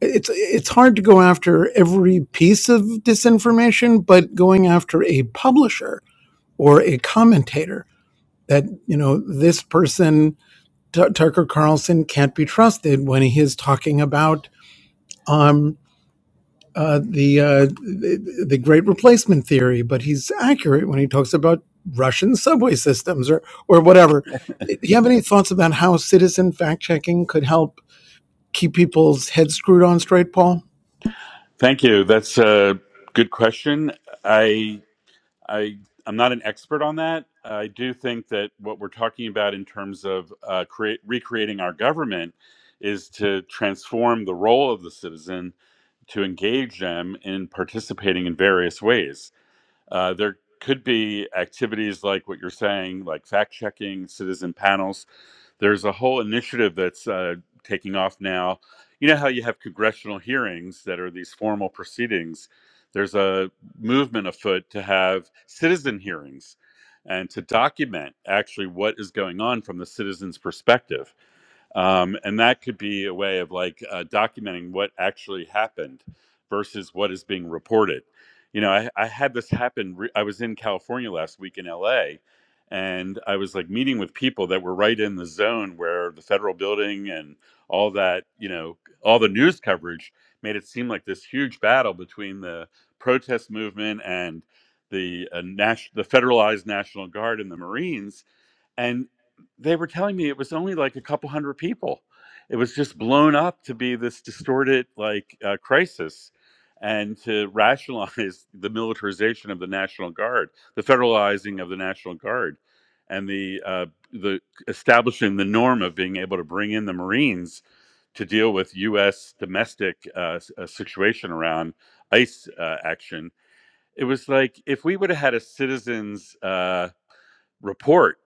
C: it's it's hard to go after every piece of disinformation, but going after a publisher or a commentator that you know this person Tu- Tucker Carlson can't be trusted when he is talking about um uh, the, uh, the the Great Replacement theory, but he's accurate when he talks about Russian subway systems or or whatever. Do you have any thoughts about how citizen fact checking could help keep people's heads screwed on straight, Paul?
D: Thank you. That's a good question. I I I'm not an expert on that. I do think that what we're talking about in terms of uh, create, recreating our government is to transform the role of the citizen to engage them in participating in various ways. Uh, there could be activities like what you're saying, like fact checking, citizen panels there's a whole initiative that's uh, taking off now. You know how you have congressional hearings that are these formal proceedings? There's a movement afoot to have citizen hearings and to document actually what is going on from the citizen's perspective. Um, and that could be a way of like uh, documenting what actually happened versus what is being reported. You know, I, I had this happen. Re- I was in California last week in LA, and I was like meeting with people that were right in the zone where the federal building and all that, you know, all the news coverage made it seem like this huge battle between the protest movement and the uh, nas- the federalized National Guard and the Marines and they were telling me it was only like a couple hundred people it was just blown up to be this distorted like uh, crisis and to *laughs* rationalize the militarization of the national guard the federalizing of the national guard and the uh, the establishing the norm of being able to bring in the marines to deal with U.S. domestic uh, s- uh, situation around ICE uh, action. It was like if we would have had a citizens uh, report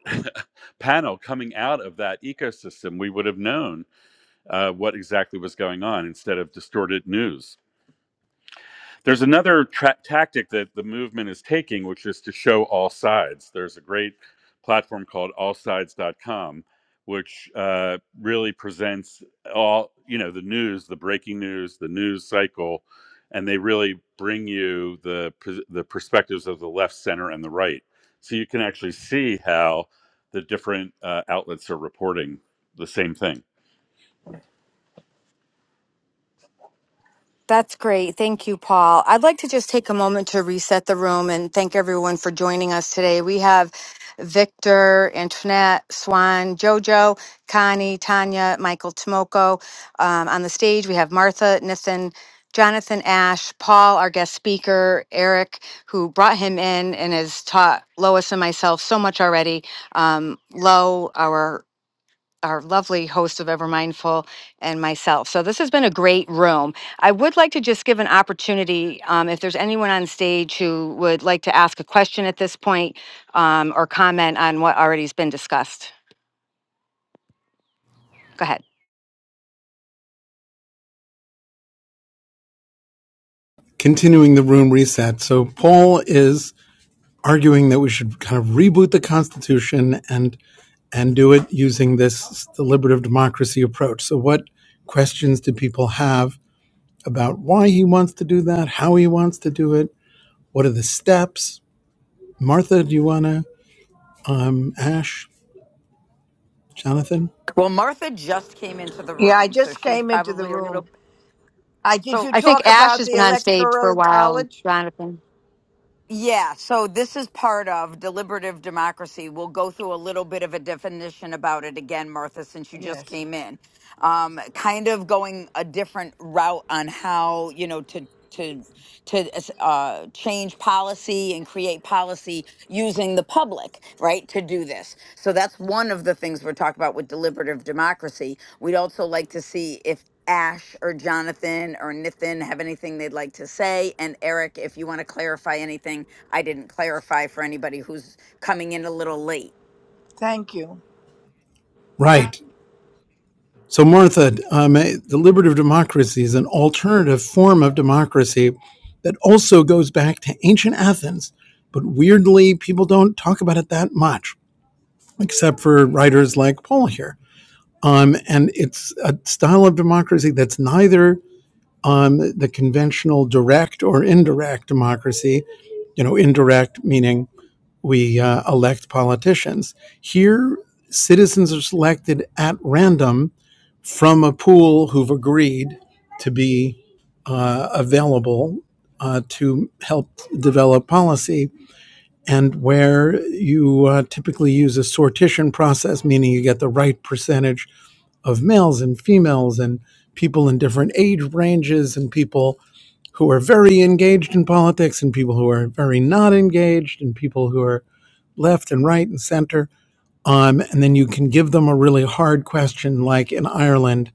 D: panel coming out of that ecosystem, we would have known uh, what exactly was going on instead of distorted news. There's another tra- tactic that the movement is taking, which is to show all sides. There's a great platform called allsides.com, which uh, really presents all, you know, the news, the breaking news, the news cycle, and they really bring you the, the perspectives of the left, center, and the right. So you can actually see how the different uh, outlets are reporting the same thing.
B: That's great. Thank you, Paul. I'd like to just take a moment to reset the room and thank everyone for joining us today. We have Victor, Antoinette, Swan, Jojo, Connie, Tanya, Michael Tomoko um, on the stage. We have Martha, Nathan, Jonathan Ash, Paul, our guest speaker, Eric, who brought him in and has taught Lois and myself so much already. Um, Lo, our our lovely host of Ever Mindful and myself. So this has been a great room. I would like to just give an opportunity um, if there's anyone on stage who would like to ask a question at this point um, or comment on what already has been discussed. Go ahead.
C: continuing the room reset. So Paul is arguing that we should kind of reboot the Constitution and and do it using this deliberative democracy approach. So what questions do people have about why he wants to do that, how he wants to do it, what are the steps? Martha, do you want to? Um, Ash, Jonathan,
A: Well, Martha just came into the
F: Yeah, I
A: room, so
F: just
A: she's
F: came into the
A: probably a
F: room.
A: little
F: I did
A: so
F: you
B: I think
F: talk
B: Ash
F: about
B: has
F: the
B: been on stage for a
F: electoral
B: while. and
F: college?
B: Jonathan.
A: Yeah, so this is part of deliberative democracy. We'll go through a little bit of a definition about it again, Martha, since you just
F: Yes.
A: came in. Um, kind of going a different route on how you know to to to uh, change policy and create policy using the public, right, to do this. So that's one of the things we're talking about with deliberative democracy. We'd also like to see if Ash or Jonathan or Nathan have anything they'd like to say. And Eric, if you want to clarify anything, I didn't clarify for anybody who's coming in a little late.
F: Thank you.
C: right? So, Martha, um, eh, deliberative democracy is an alternative form of democracy that also goes back to ancient Athens, but weirdly, people don't talk about it that much, except for writers like Paul here. Um, and it's a style of democracy that's neither um, the conventional direct or indirect democracy, you know, indirect meaning we uh, elect politicians. Here, citizens are selected at random from a pool who've agreed to be uh, available uh, to help develop policy, and where you uh, typically use a sortition process, meaning you get the right percentage of males and females and people in different age ranges and people who are very engaged in politics and people who are very not engaged and people who are left and right and center. Um, and then you can give them a really hard question, like in Ireland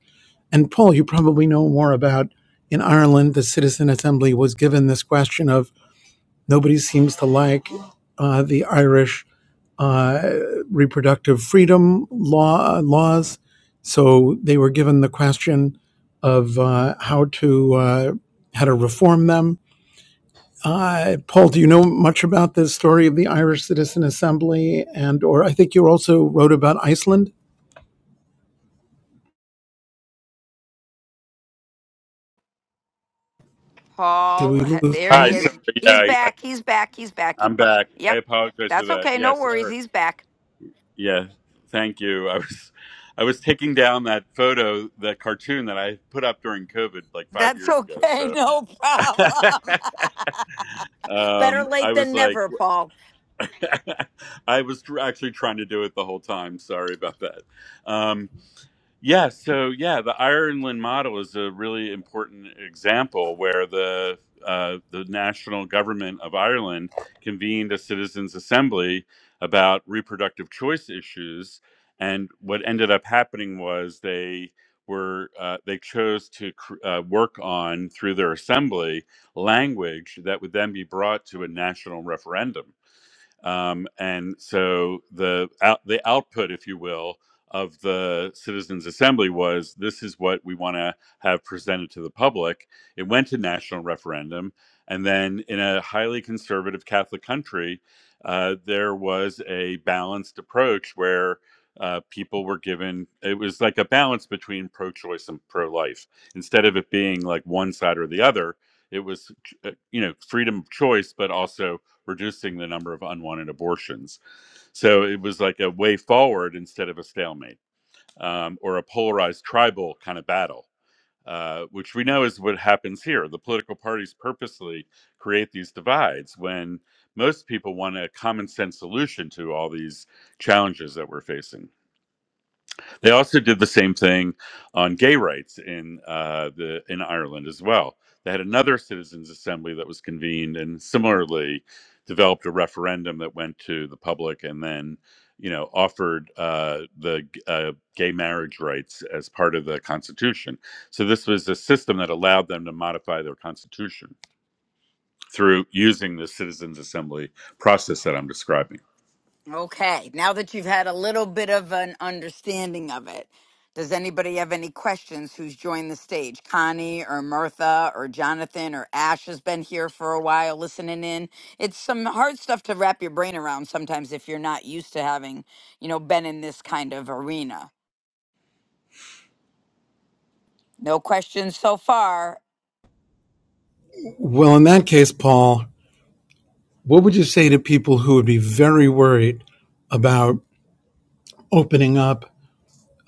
C: and Paul, you probably know more about in Ireland, the Citizen Assembly was given this question of nobody seems to like uh, the Irish uh, reproductive freedom law laws, so they were given the question of uh, how to uh, how to reform them. Uh, Paul, do you know much about the story of the Irish Citizen Assembly, and or I think you also wrote about Iceland? Did we
A: Paul, ha-
C: lose
A: there
D: Hi,
A: he
C: Paul?
A: is.
D: sorry. Yeah,
A: He's
D: I, I,
A: back. He's back. He's back. He,
D: I'm
A: bu-
D: back. I
A: yep.
D: apologize for
A: That's
D: that.
A: okay. No
D: Yes,
A: worries.
D: Eric.
A: He's back.
D: Yeah, thank you. I was I was taking down that photo, that cartoon that I put up during COVID like five
A: That's
D: years ago.
A: okay. *laughs*
D: So
A: No problem.
D: *laughs*
A: *laughs* Better
D: um,
A: late
D: I was
A: than
D: like,
A: never, Paul.
D: *laughs* I was tr- actually trying to do it the whole time. Sorry about that. Um, yeah, so yeah, the Ireland model is a really important example where the uh, the national government of Ireland convened a citizens' assembly about reproductive choice issues, and what ended up happening was they were uh, they chose to cr- uh, work on through their assembly language that would then be brought to a national referendum um, and so the out, the output, if you will, of the citizens' assembly was this is what we want to have presented to the public. It went to national referendum, and then in a highly conservative Catholic country, uh, there was a balanced approach where. Uh, people were given it was like a balance between pro-choice and pro-life instead of it being like one side or the other it was uh, you know freedom of choice but also reducing the number of unwanted abortions. So it was like a way forward instead of a stalemate um, or a polarized tribal kind of battle, uh, which we know is what happens here. The political parties purposely create these divides when most people want a common sense solution to all these challenges that we're facing. They also did the same thing on gay rights in uh, the in Ireland as well. They had another citizens' assembly that was convened and similarly developed a referendum that went to the public and then you know offered uh, the uh, gay marriage rights as part of the constitution. So this was a system that allowed them to modify their constitution through using the citizens' assembly process that I'm describing.
A: Okay, now that you've had a little bit of an understanding of it, does anybody have any questions who's joined the stage? Connie or Mirtha or Jonathan or Ash has been here for a while listening in. It's some hard stuff to wrap your brain around sometimes if you're not used to having, you know, been in this kind of arena. No questions so far.
C: Well, in that case, Paul, What would you say to people who would be very worried about opening up,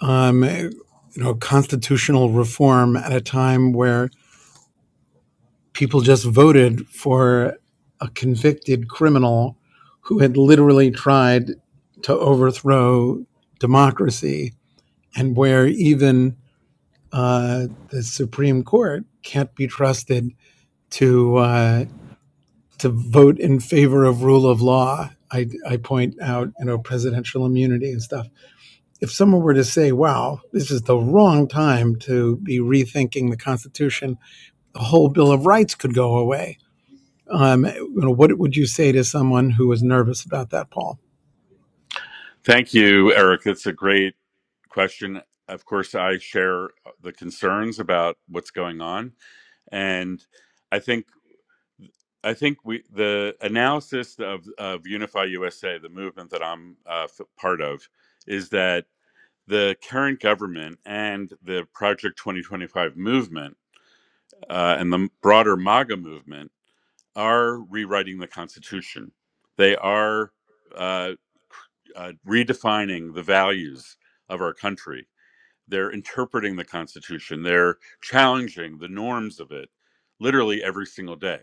C: um, you know, constitutional reform at a time where people just voted for a convicted criminal who had literally tried to overthrow democracy, and where even uh, the Supreme Court can't be trusted to uh, to vote in favor of rule of law. I, I point out, you know, presidential immunity and stuff. If someone were to say, wow, this is the wrong time to be rethinking the Constitution, the whole Bill of Rights could go away. Um, you know, what would you say to someone who was nervous about that, Paul?
D: Thank you, Eric. It's a great question. Of course, I share uh, the concerns about what's going on, and I think I think we the analysis of of Unify USA, the movement that I'm uh, f- part of, is that the current government and the Project 2025 movement uh, and the broader MAGA movement are rewriting the Constitution. They are uh, uh, redefining the values of our country They're interpreting the Constitution. They're challenging the norms of it literally every single day.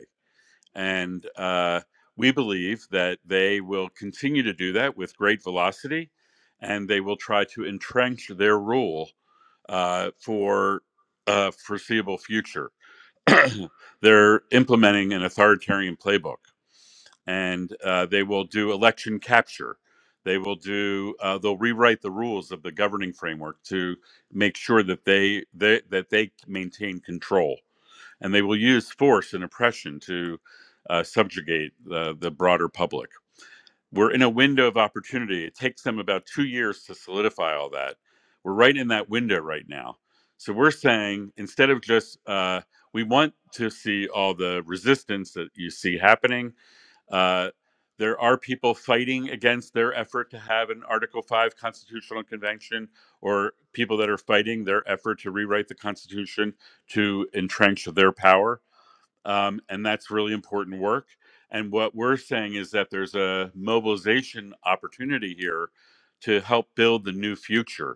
D: And uh, we believe that they will continue to do that with great velocity and they will try to entrench their rule uh, for a foreseeable future. *clears throat* They're implementing an authoritarian playbook and uh, they will do election capture. They will do. Uh, they'll rewrite the rules of the governing framework to make sure that they, they that they maintain control, and they will use force and oppression to uh, subjugate the, the broader public. We're in a window of opportunity. It takes them about two years to solidify all that. We're right in that window right now. So we're saying instead of just uh, we want to see all the resistance that you see happening uh, there are people fighting against their effort to have an Article 5 constitutional convention, or people that are fighting their effort to rewrite the Constitution to entrench their power. Um, and that's really important work. And what we're saying is that there's a mobilization opportunity here to help build the new future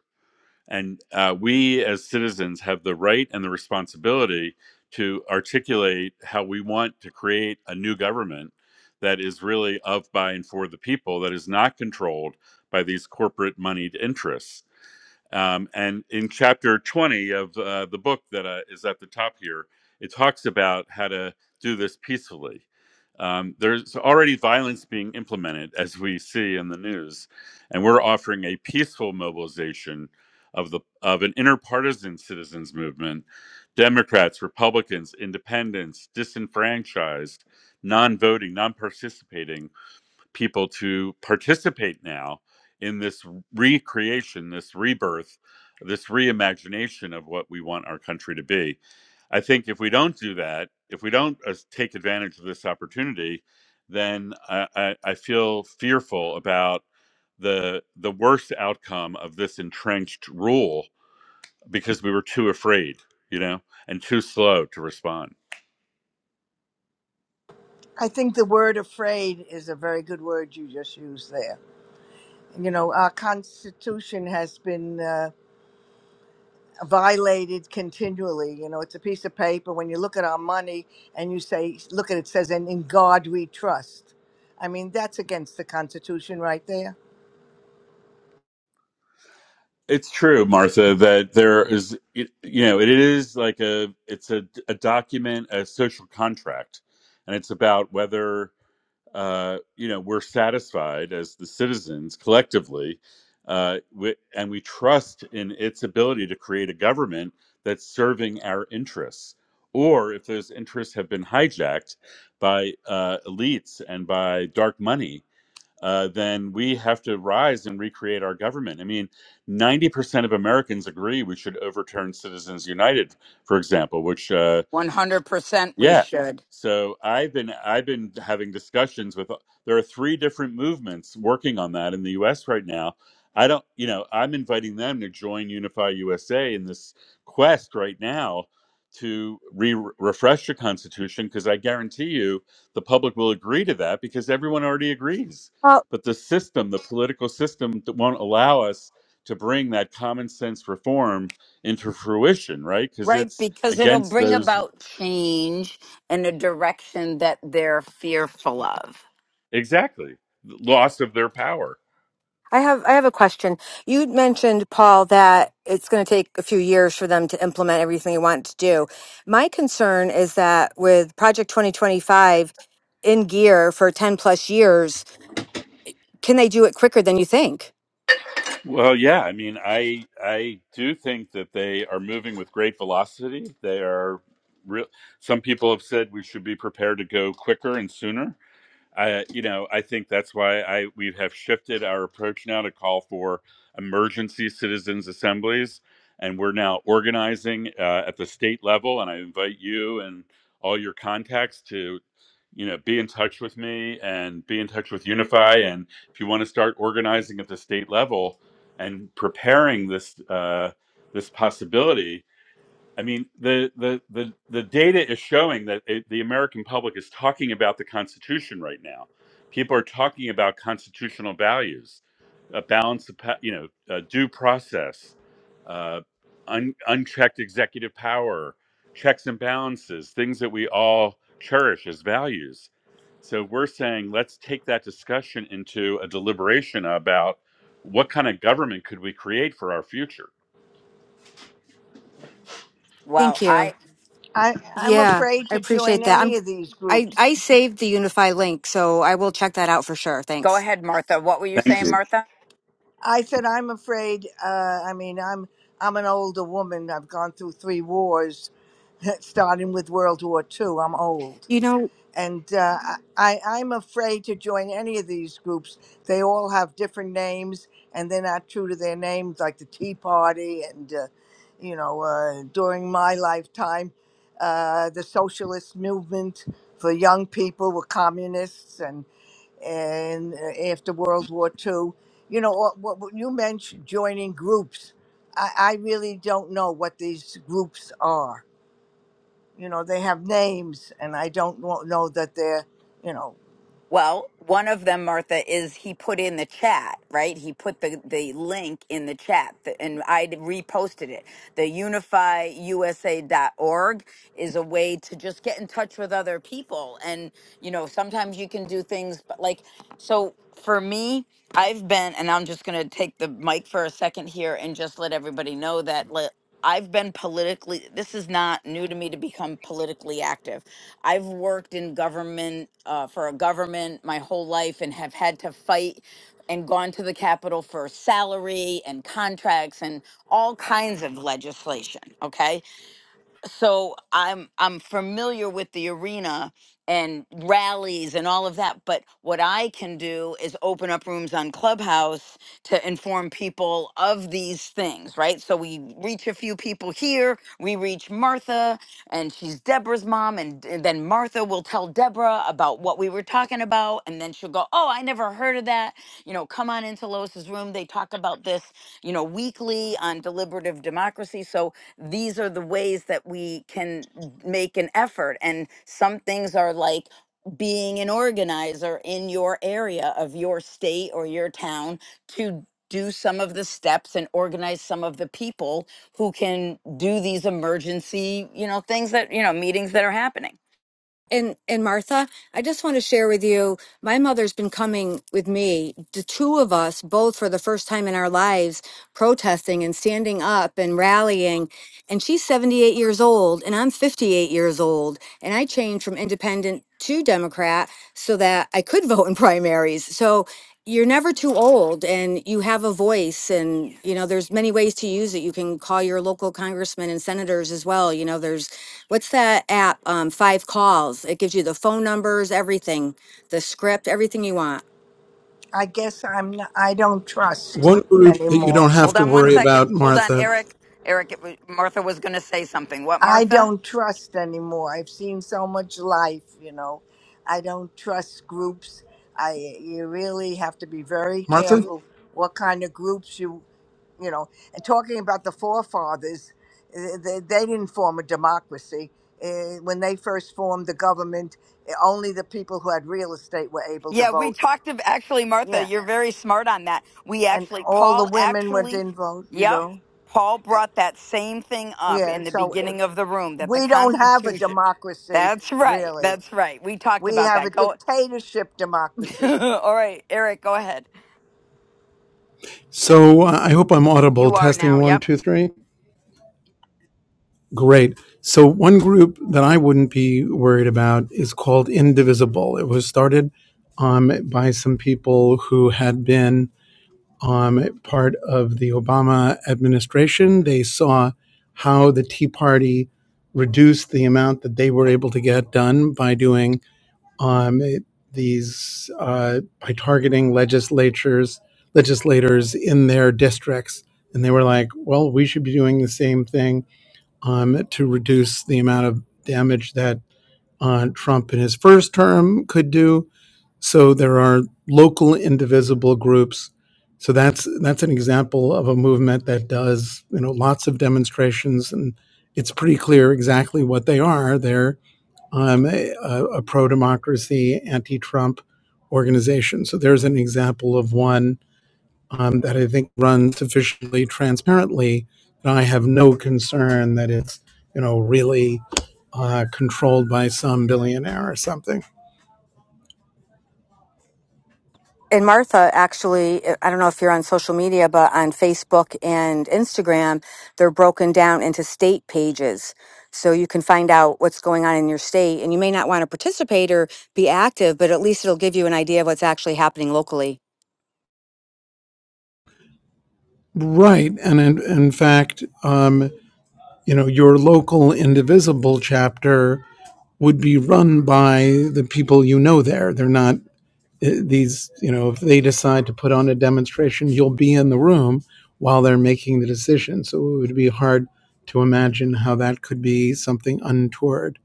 D: and uh, we as citizens have the right and the responsibility to articulate how we want to create a new government that is really of, by, and for the people, that is not controlled by these corporate moneyed interests um, and in chapter 20 of uh, the book that uh, is at the top here, it talks about how to do this peacefully. Um, there's already violence being implemented, as we see in the news, and we're offering a peaceful mobilization of the of an interpartisan citizens movement. Democrats, Republicans, independents, disenfranchised, non-voting, non-participating people to participate now in this recreation, this rebirth, this reimagination of what we want our country to be. I think if we don't do that, if we don't uh, take advantage of this opportunity, then I, I, I feel fearful about the the worst outcome of this entrenched rule because we were too afraid, you know, and too slow to respond.
F: I think the word afraid is a very good word you just used there. You know, our constitution has been uh, violated continually. You know, it's a piece of paper when you look at our money and you say look at it, it says and in God we trust. I mean, that's against the constitution right there.
D: It's true, Martha, that there is, it- you know, it is like a, it's a, a document, a social contract, and it's about whether, uh, you know, we're satisfied as the citizens collectively, uh, wi- and we trust in its ability to create a government that's serving our interests. Or if those interests have been hijacked by uh, elites and by dark money, uh, then we have to rise and recreate our government. I mean, 90% of Americans agree we should overturn Citizens United, for example, which uh,
A: 100% we
D: yeah.
A: should.
D: So I've been I've been having discussions with there are three different movements working on that in the US right now. I don't, you know, I'm inviting them to join Unify USA in this quest right now to re- refresh the constitution because I guarantee you the public will agree to that because everyone already agrees. But the system, the political system that won't allow us to bring that common sense reform into fruition, right? Because
A: Right,
D: it's
A: because it'll
D: against
A: bring
D: those
A: about change in a direction that they're fearful of.
D: Exactly. Loss of their power.
B: I have I have a question. You mentioned, Paul, that it's going to take a few years for them to implement everything you want to do. My concern is that with Project 2025 in gear for 10 plus years, can they do it quicker than you think?
D: Well, yeah, I mean, I I do think that they are moving with great velocity. They are real. Some people have said we should be prepared to go quicker and sooner. I, you know, I think that's why I we have shifted our approach now to call for emergency citizens assemblies, and we're now organizing uh, at the state level. And I invite you and all your contacts to, you know, be in touch with me and be in touch with Unify. And if you want to start organizing at the state level and preparing this uh, this possibility, I mean, the the the the data is showing that it, the American public is talking about the Constitution right now. People are talking about constitutional values, a balance of pa- you know uh, due process, uh, un, unchecked executive power, checks and balances, things that we all cherish as values. So we're saying let's take that discussion into a deliberation about what kind of government could we create for our future.
A: Well,
B: Thank
A: I
B: you.
F: I I'm
B: Yeah,
F: afraid
B: I
F: to join
B: appreciate that. I'm
F: any of these
B: I
F: groups
B: I saved the Unify link, so I will check that out for sure.
A: Go
B: Thanks.
A: ahead, Martha. What were you
D: Thank
A: saying,
D: you.
A: Martha?
F: I said, I'm afraid. Uh, I mean, I'm I'm an older woman. I've gone through three wars, *laughs* starting with World War II. I'm old,
B: You know,
F: and uh, I I- I'm afraid to join any of these groups. They all have different names, and they're not true to their names, like the Tea Party, and uh, you know, uh, during my lifetime, uh, the socialist movement for young people were communists, and uh, after World War Two, You know, what, what what you mentioned joining groups. I, I really don't know what these groups are. You know, they have names, and I don't know, know that they're. You know,
A: Well, one of them, Martha, is he put in the chat, right? He put the, the link in the chat th- and I reposted it. The unifyusa.org is a way to just get in touch with other people. And, you know, sometimes you can do things, but like, so for me, I've been, and I'm just going to take the mic for a second here and just let everybody know that. li- I've been politically, this is not new to me to become politically active. I've worked in government uh, for a government my whole life and have had to fight and gone to the Capitol for salary and contracts and all kinds of legislation. Okay so I'm I'm familiar with the arena and rallies and all of that, but what I can do is open up rooms on Clubhouse to inform people of these things, right? So we reach a few people here, we reach Martha and she's Deborah's mom and, and then Martha will tell Deborah about what we were talking about and then she'll go, "Oh, I never heard of that." You know, come on into Lois's room, they talk about this, you know, weekly on deliberative democracy. So these are the ways that we can make an effort. And some things are like being an organizer in your area of your state or your town to do some of the steps and organize some of the people who can do these emergency, you know, things that, you know, meetings that are happening.
B: And and Martha, I just want to share with you, my mother's been coming with me, the two of us, both for the first time in our lives, protesting and standing up and rallying. And she's 78 years old and I'm 58 years old. And I changed from independent to Democrat so that I could *laughs* vote in primaries. So you're never too old and you have a voice and you know there's many ways to use it you can call your local congressmen and senators as well you know there's what's that app? Um, five calls. It gives you the phone numbers, everything, the script, everything you want.
F: I guess I'm. Not, I don't trust
C: One group that you
F: anymore.
C: don't have
A: Hold
C: to
A: on one
C: worry
A: second.
C: about,
A: Hold on,
C: Martha,
A: Eric. Eric, it was, Martha was going to say something. What,
F: I
A: Martha?
F: don't trust anymore. I've seen so much life, you know. I don't trust groups. I you really have to be very
C: Martha?
F: careful what kind of groups you, you know. And talking about the forefathers, eh, they, they didn't form a democracy. Eh, When they first formed the government, eh, only the people who had real estate were able to
A: Yeah, we
F: vote.
A: talked of actually, Martha,
F: Yeah,
A: you're very smart on that. We
F: and
A: actually,
F: all
A: Paul
F: the women went
A: actually,
F: in vote, you
A: yep,
F: know.
A: Paul
F: Eh,
A: brought that same thing up
F: Yeah,
A: in the
F: so eh,
A: beginning of the room that the
F: we don't have a
A: Constitution.
F: democracy
A: That's right.
F: really
A: That's right. We talked
F: We
A: about
F: have
A: that.
F: a
A: Go.
F: dictatorship
A: *laughs*
F: democracy.
A: All right, Eric, go ahead.
C: So uh, I hope I'm audible.
A: You are
C: Testing
A: now.
C: one,
A: Yep.
C: two, three. Great. So, one group that I wouldn't be worried about is called Indivisible. It was started um, by some people who had been um, part of the Obama administration. They saw how the Tea Party reduced the amount that they were able to get done by doing um, these uh, by targeting legislatures legislators in their districts and they were like well we should be doing the same thing um, to reduce the amount of damage that uh, trump in his first term could do so there are local indivisible groups so that's that's an example of a movement that does you know lots of demonstrations and it's pretty clear exactly what they are they're um, a, a pro democracy, anti Trump organization. So there's an example of one um, that I think runs sufficiently transparently. And I have no concern that it's, you know, really uh, controlled by some billionaire or something.
B: and Martha actually, eh, I don't know if you're on social media, but on Facebook and Instagram, they're broken down into state pages. So you can find out what's going on in your state. And you may not want to participate or be active, but at least it'll give you an idea of what's actually happening locally.
C: Right. And in, in fact, um, you know, your local indivisible chapter would be run by the people you know there. They're not uh, these, you know, if they decide to put on a demonstration, you'll be in the room while they're making the decision. So it would be hard to imagine how that could be something untoward.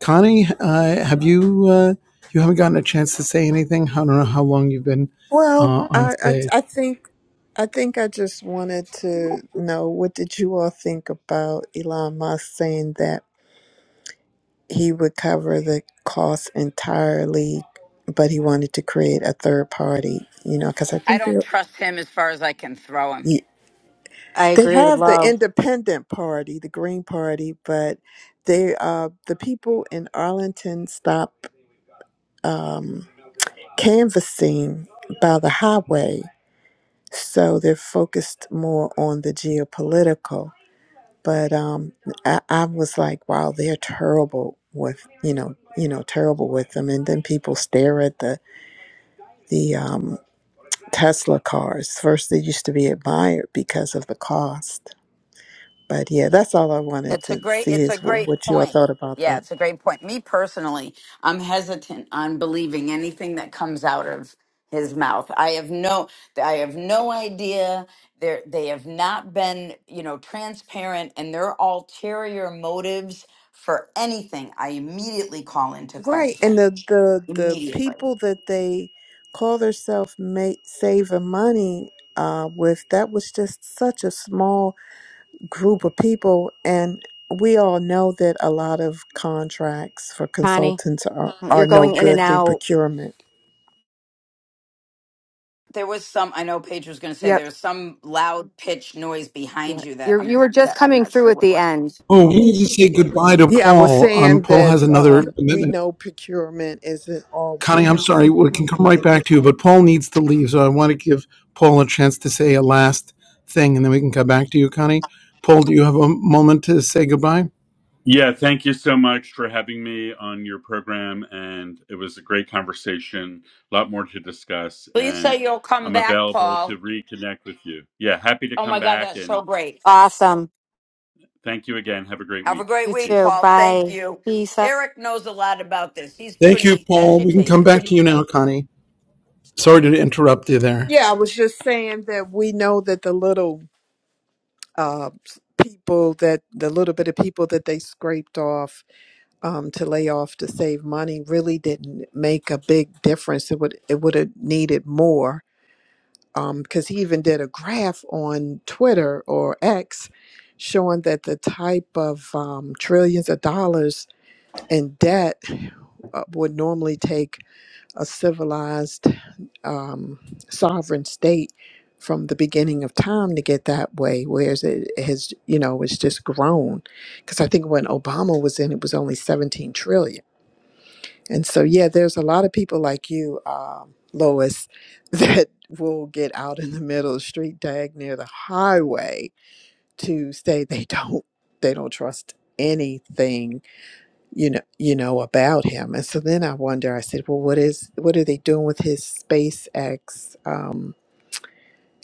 C: Connie, uh, have you uh, you haven't gotten a chance to say anything? I don't know how long you've been
G: Well,
C: uh, on
G: I, I
C: stage.
G: I think I think I just wanted to know what did you all think about Elon Musk saying that he would cover the cost entirely, but he wanted to create a third party. You know, because I
A: I
G: think they
A: don't trust him as far as I can throw him.
G: you-
B: I
G: they
B: agree with
G: have the
B: Lo.
G: independent party, the Green Party, but they uh the people in Arlington stopped um, canvassing by the highway So they're focused more on the geopolitical. But um, I, I was like, wow, they're terrible with you know you know terrible with them. And then people stare at the the um, Tesla cars. First, they used to be admired because of the cost. But yeah, that's all I wanted
A: It's a
G: to
A: great
G: see
A: it's
G: is
A: a
G: wh-
A: great
G: what you all
A: point.
G: thought about
A: Yeah,
G: that.
A: it's a great point. Me personally, I'm hesitant on believing anything that comes out of his mouth. I have no I have no idea. They they have not been, you know, transparent and their ulterior motives for anything I immediately call into
G: Right, and
A: question.
G: the the the
A: Immediately.
G: people that they call themselves ma- saving money uh, with that was just such a small group of people and we all know that a lot of contracts for
B: Connie?
G: consultants are,
B: You're
G: are no
B: going in and
G: good through
B: out.
G: procurement.
A: There was some I know Paige was gonna say
B: Yep.
A: there was some loud pitch noise
B: You
A: behind
B: were-
A: you that
B: You're you
A: I'm
B: were just
A: that I'm
B: coming
A: not
B: through
A: sure
B: at
A: what
B: the
A: was.
B: end.
C: Oh, we need to say goodbye to
G: Yeah, I was
C: Paul. Um,
G: saying
C: Paul
G: that
C: has another
G: um, we
C: commitment.
G: know procurement isn't all.
C: Connie, I'm sorry, we can come right back to you, but Paul needs to leave, so I want to give Paul a chance to say a last thing, and then we can come back to you, Connie. Paul, do you have a moment to say goodbye?
D: Yeah, thank you so much for having me on your program. And it was a great conversation, a lot more to discuss.
A: Please say
D: And
A: you'll come
D: I'm
A: back,
D: available
A: Paul.
D: to reconnect with you. Yeah, happy to
A: Oh my
D: come
A: God,
D: back.
A: that's so
D: And
A: great.
B: Awesome.
D: thank you again. Have a great
A: Have a
D: week.
A: great
B: You
A: week,
D: Peace.
B: too.
A: Paul. Thank
B: Bye.
A: you.
B: Peace.
A: Eric knows a lot about this. He's
C: Thank you,
A: pretty
C: Paul. We can come
A: educated.
C: back to you now, Connie. Sorry to interrupt you there.
G: Yeah, I was just saying that we know that the little uh, people that the little bit of people that they scraped off um, to lay off to save money really didn't make a big difference. It would it would have needed more because he even did a graph on Twitter or X showing that the type of um, trillions of dollars in debt uh, would normally take a civilized um, sovereign state from the beginning of time to get that way whereas it has you know it's just grown because i think when obama was in it was only 17 trillion and so, yeah, there's a lot of people like you, um, Lois, *laughs* that will get out in the middle of the street, dag near the highway, to say they don't they don't trust anything you know you know about him. And so then I wonder. I said, well, what is what are they doing with his SpaceX um,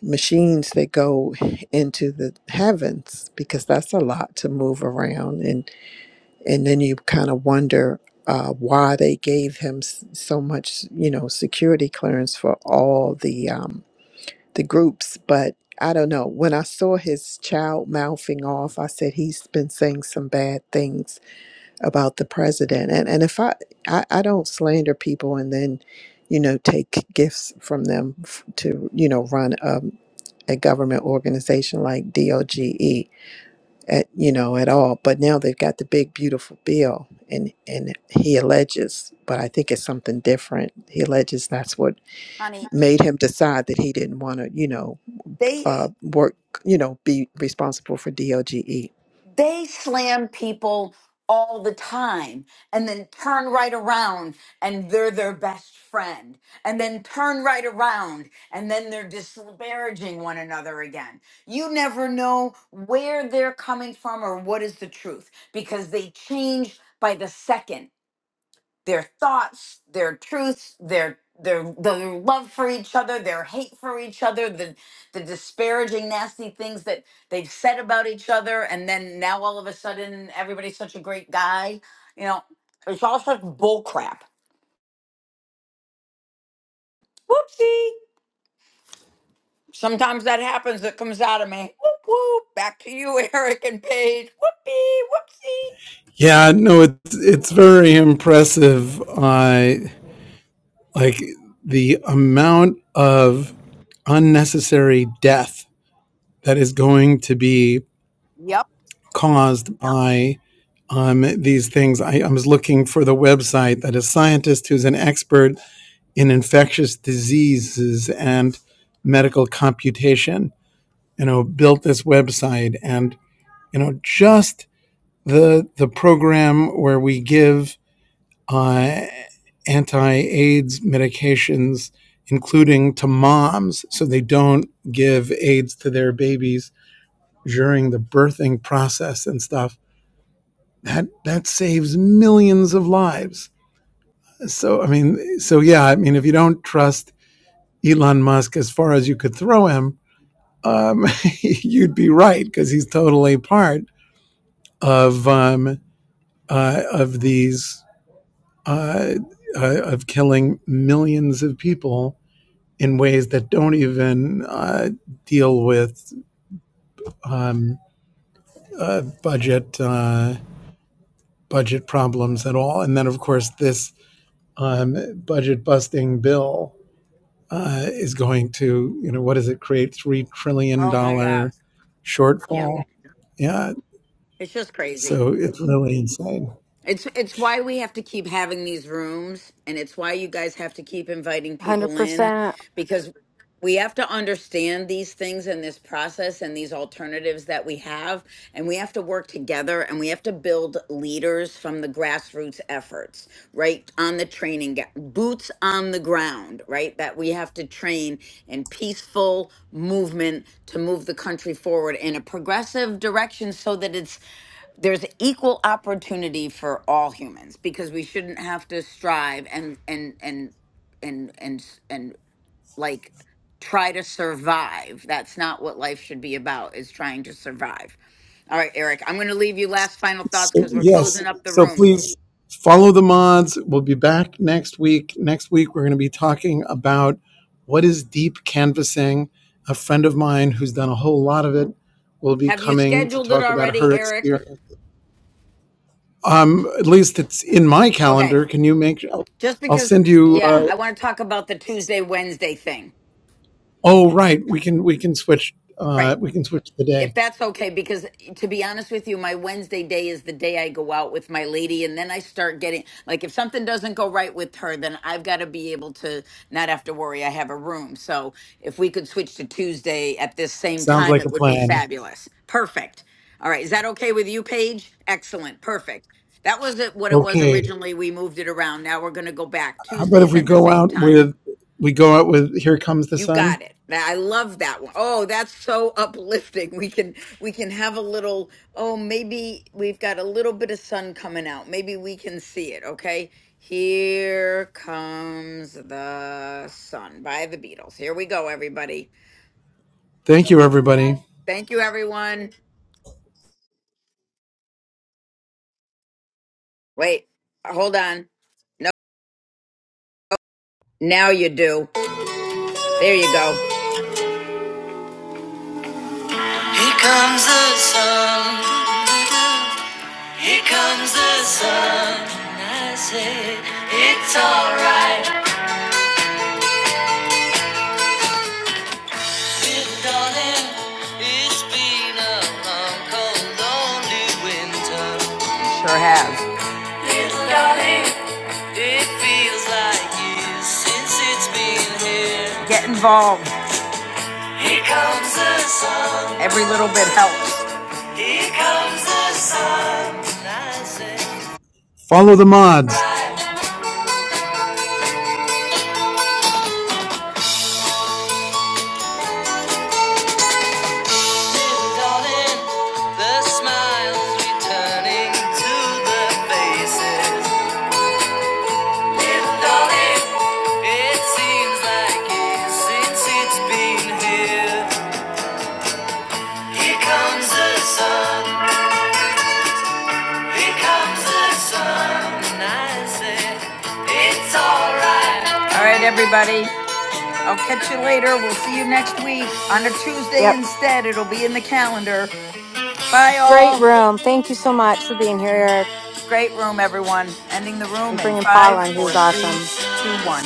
G: machines that go into the heavens? Because that's a lot to move around and and then you kind of wonder uh, why they gave him s- so much, you know, security clearance for all the um, the groups. But I don't know. When I saw his child mouthing off, I said he's been saying some bad things about the president. And and if I I, I don't slander people and then, you know, take gifts from them f- to you know run um, a government organization like DOGE at you know at all but now they've got the big beautiful bill and and he alleges but i think it's something different he alleges that's what
A: Honey,
G: made him decide that he didn't want to you know
A: they
G: uh work you know be responsible for doge
A: they slam people all the time and then turn right around and they're their best friend and then turn right around and then they're disparaging one another again. You never know where they're coming from or what is the truth because they change by the second their thoughts, their truths, their their their love for each other, their hate for each other, the the disparaging, nasty things that they've said about each other, and then now all of a sudden everybody's such a great guy. You know, it's all such bull crap. Whoopsie. Sometimes that happens. It comes out of me. Whoop whoop. Back to you, *laughs* Eric and Paige. Whoopee. Whoopsie.
C: Yeah, no, it's it's very impressive. I uh, like the amount of unnecessary death that is going to be
A: Yep.
C: caused by um, these things. I, I was looking for the website that a scientist who's an expert in infectious diseases and medical computation, you know, built this website, and you know, just the the program where we give uh, anti-AIDS medications, including to moms, so they don't give AIDS to their babies during the birthing process and stuff. That that saves millions of lives So I mean, so yeah, I mean, if you don't trust Elon Musk as far as you could throw him, um, *laughs* you'd be right because he's totally part of um, uh, of these uh, uh, of killing millions of people in ways that don't even uh, deal with um, uh, budget uh, budget problems at all. And then, of course, this um, budget busting bill uh, is going to, you know, what does it create? Three trillion
A: Oh my God.
C: dollar
A: Yep.
C: shortfall. Yeah.
A: It's just crazy.
C: So it's really insane.
A: It's it's why we have to keep having these rooms and it's why you guys have to keep inviting
B: Hundred
A: people in
B: percent.
A: because we have to understand these things and this process and these alternatives that we have and we have to work together and we have to build leaders from the grassroots efforts right on the training ga- boots on the ground right that we have to train in peaceful movement to move the country forward in a progressive direction so that it's there's equal opportunity for all humans because we shouldn't have to strive and and and and and s- and like try to survive that's not what life should be about is trying to survive all right eric i'm going to leave you last final thoughts
C: So
A: because we're
C: yes.
A: closing up the
C: So
A: room
C: please follow the mods. We'll be back next week. Next week we're going to be talking about what is deep canvassing. A friend of mine who's done a whole lot of it will be
A: have you
C: coming to
A: scheduled it
C: talk about her
A: already eric
C: experience. Um, at least it's in my
A: okay
C: calendar. Can you make? I'll,
A: just
C: I'll
A: because
C: send you.
A: yeah
C: uh,
A: i want to talk about the tuesday wednesday thing
C: Oh, right. We can we can switch. Uh,
A: great
C: we can switch the
A: if
C: day.
A: that's okay because eh, to be honest with you my wednesday day is the day i go out with my lady and then i start getting like if something doesn't go right with her then i've got to be able to not have to worry i have a room so if we could switch to tuesday at this same
C: Sounds
A: time
C: like
A: it
C: a
A: would be
C: plan.
A: fabulous perfect all right is that okay with you paige excellent perfect that was it what it was
C: Okay.
A: originally we moved it around now we're going to go back
C: How about if
A: tuesdays
C: we
A: at the
C: go
A: same
C: out
A: time
C: with we go out with "Here Comes the
A: you
C: Sun"?
A: got it. I love that one. Oh, that's so *laughs* uplifting. We can we can have a little, oh, maybe we've got a little bit of sun coming out. Maybe we can see it, okay? Here comes the sun by the Beatles. Here we go, everybody.
C: Thank you, everybody.
A: Thank you, everyone. Wait, uh, hold on. Now you do. There you go. Here comes the sun. Here comes the sun. I say it's alright. Sure have. Yes, it feels like years since it's been here. Get involved. Here comes the sun. Every little bit helps. Here comes the sun. I say,
C: Follow the mods.
A: darling, the smiles returning to the faces. like Alright, everybody. I'll catch you later. We'll see you next week on a Tuesday
B: Yep.
A: instead. It'll be in the calendar. Bye,
B: Great
A: all.
B: room. Thank you so much for being here, Eric.
A: Great room, everyone. Ending the room
B: And
A: in
B: bringing Paul
A: five,
B: on,
A: four,
B: who's
A: three,
B: awesome.
A: two, one.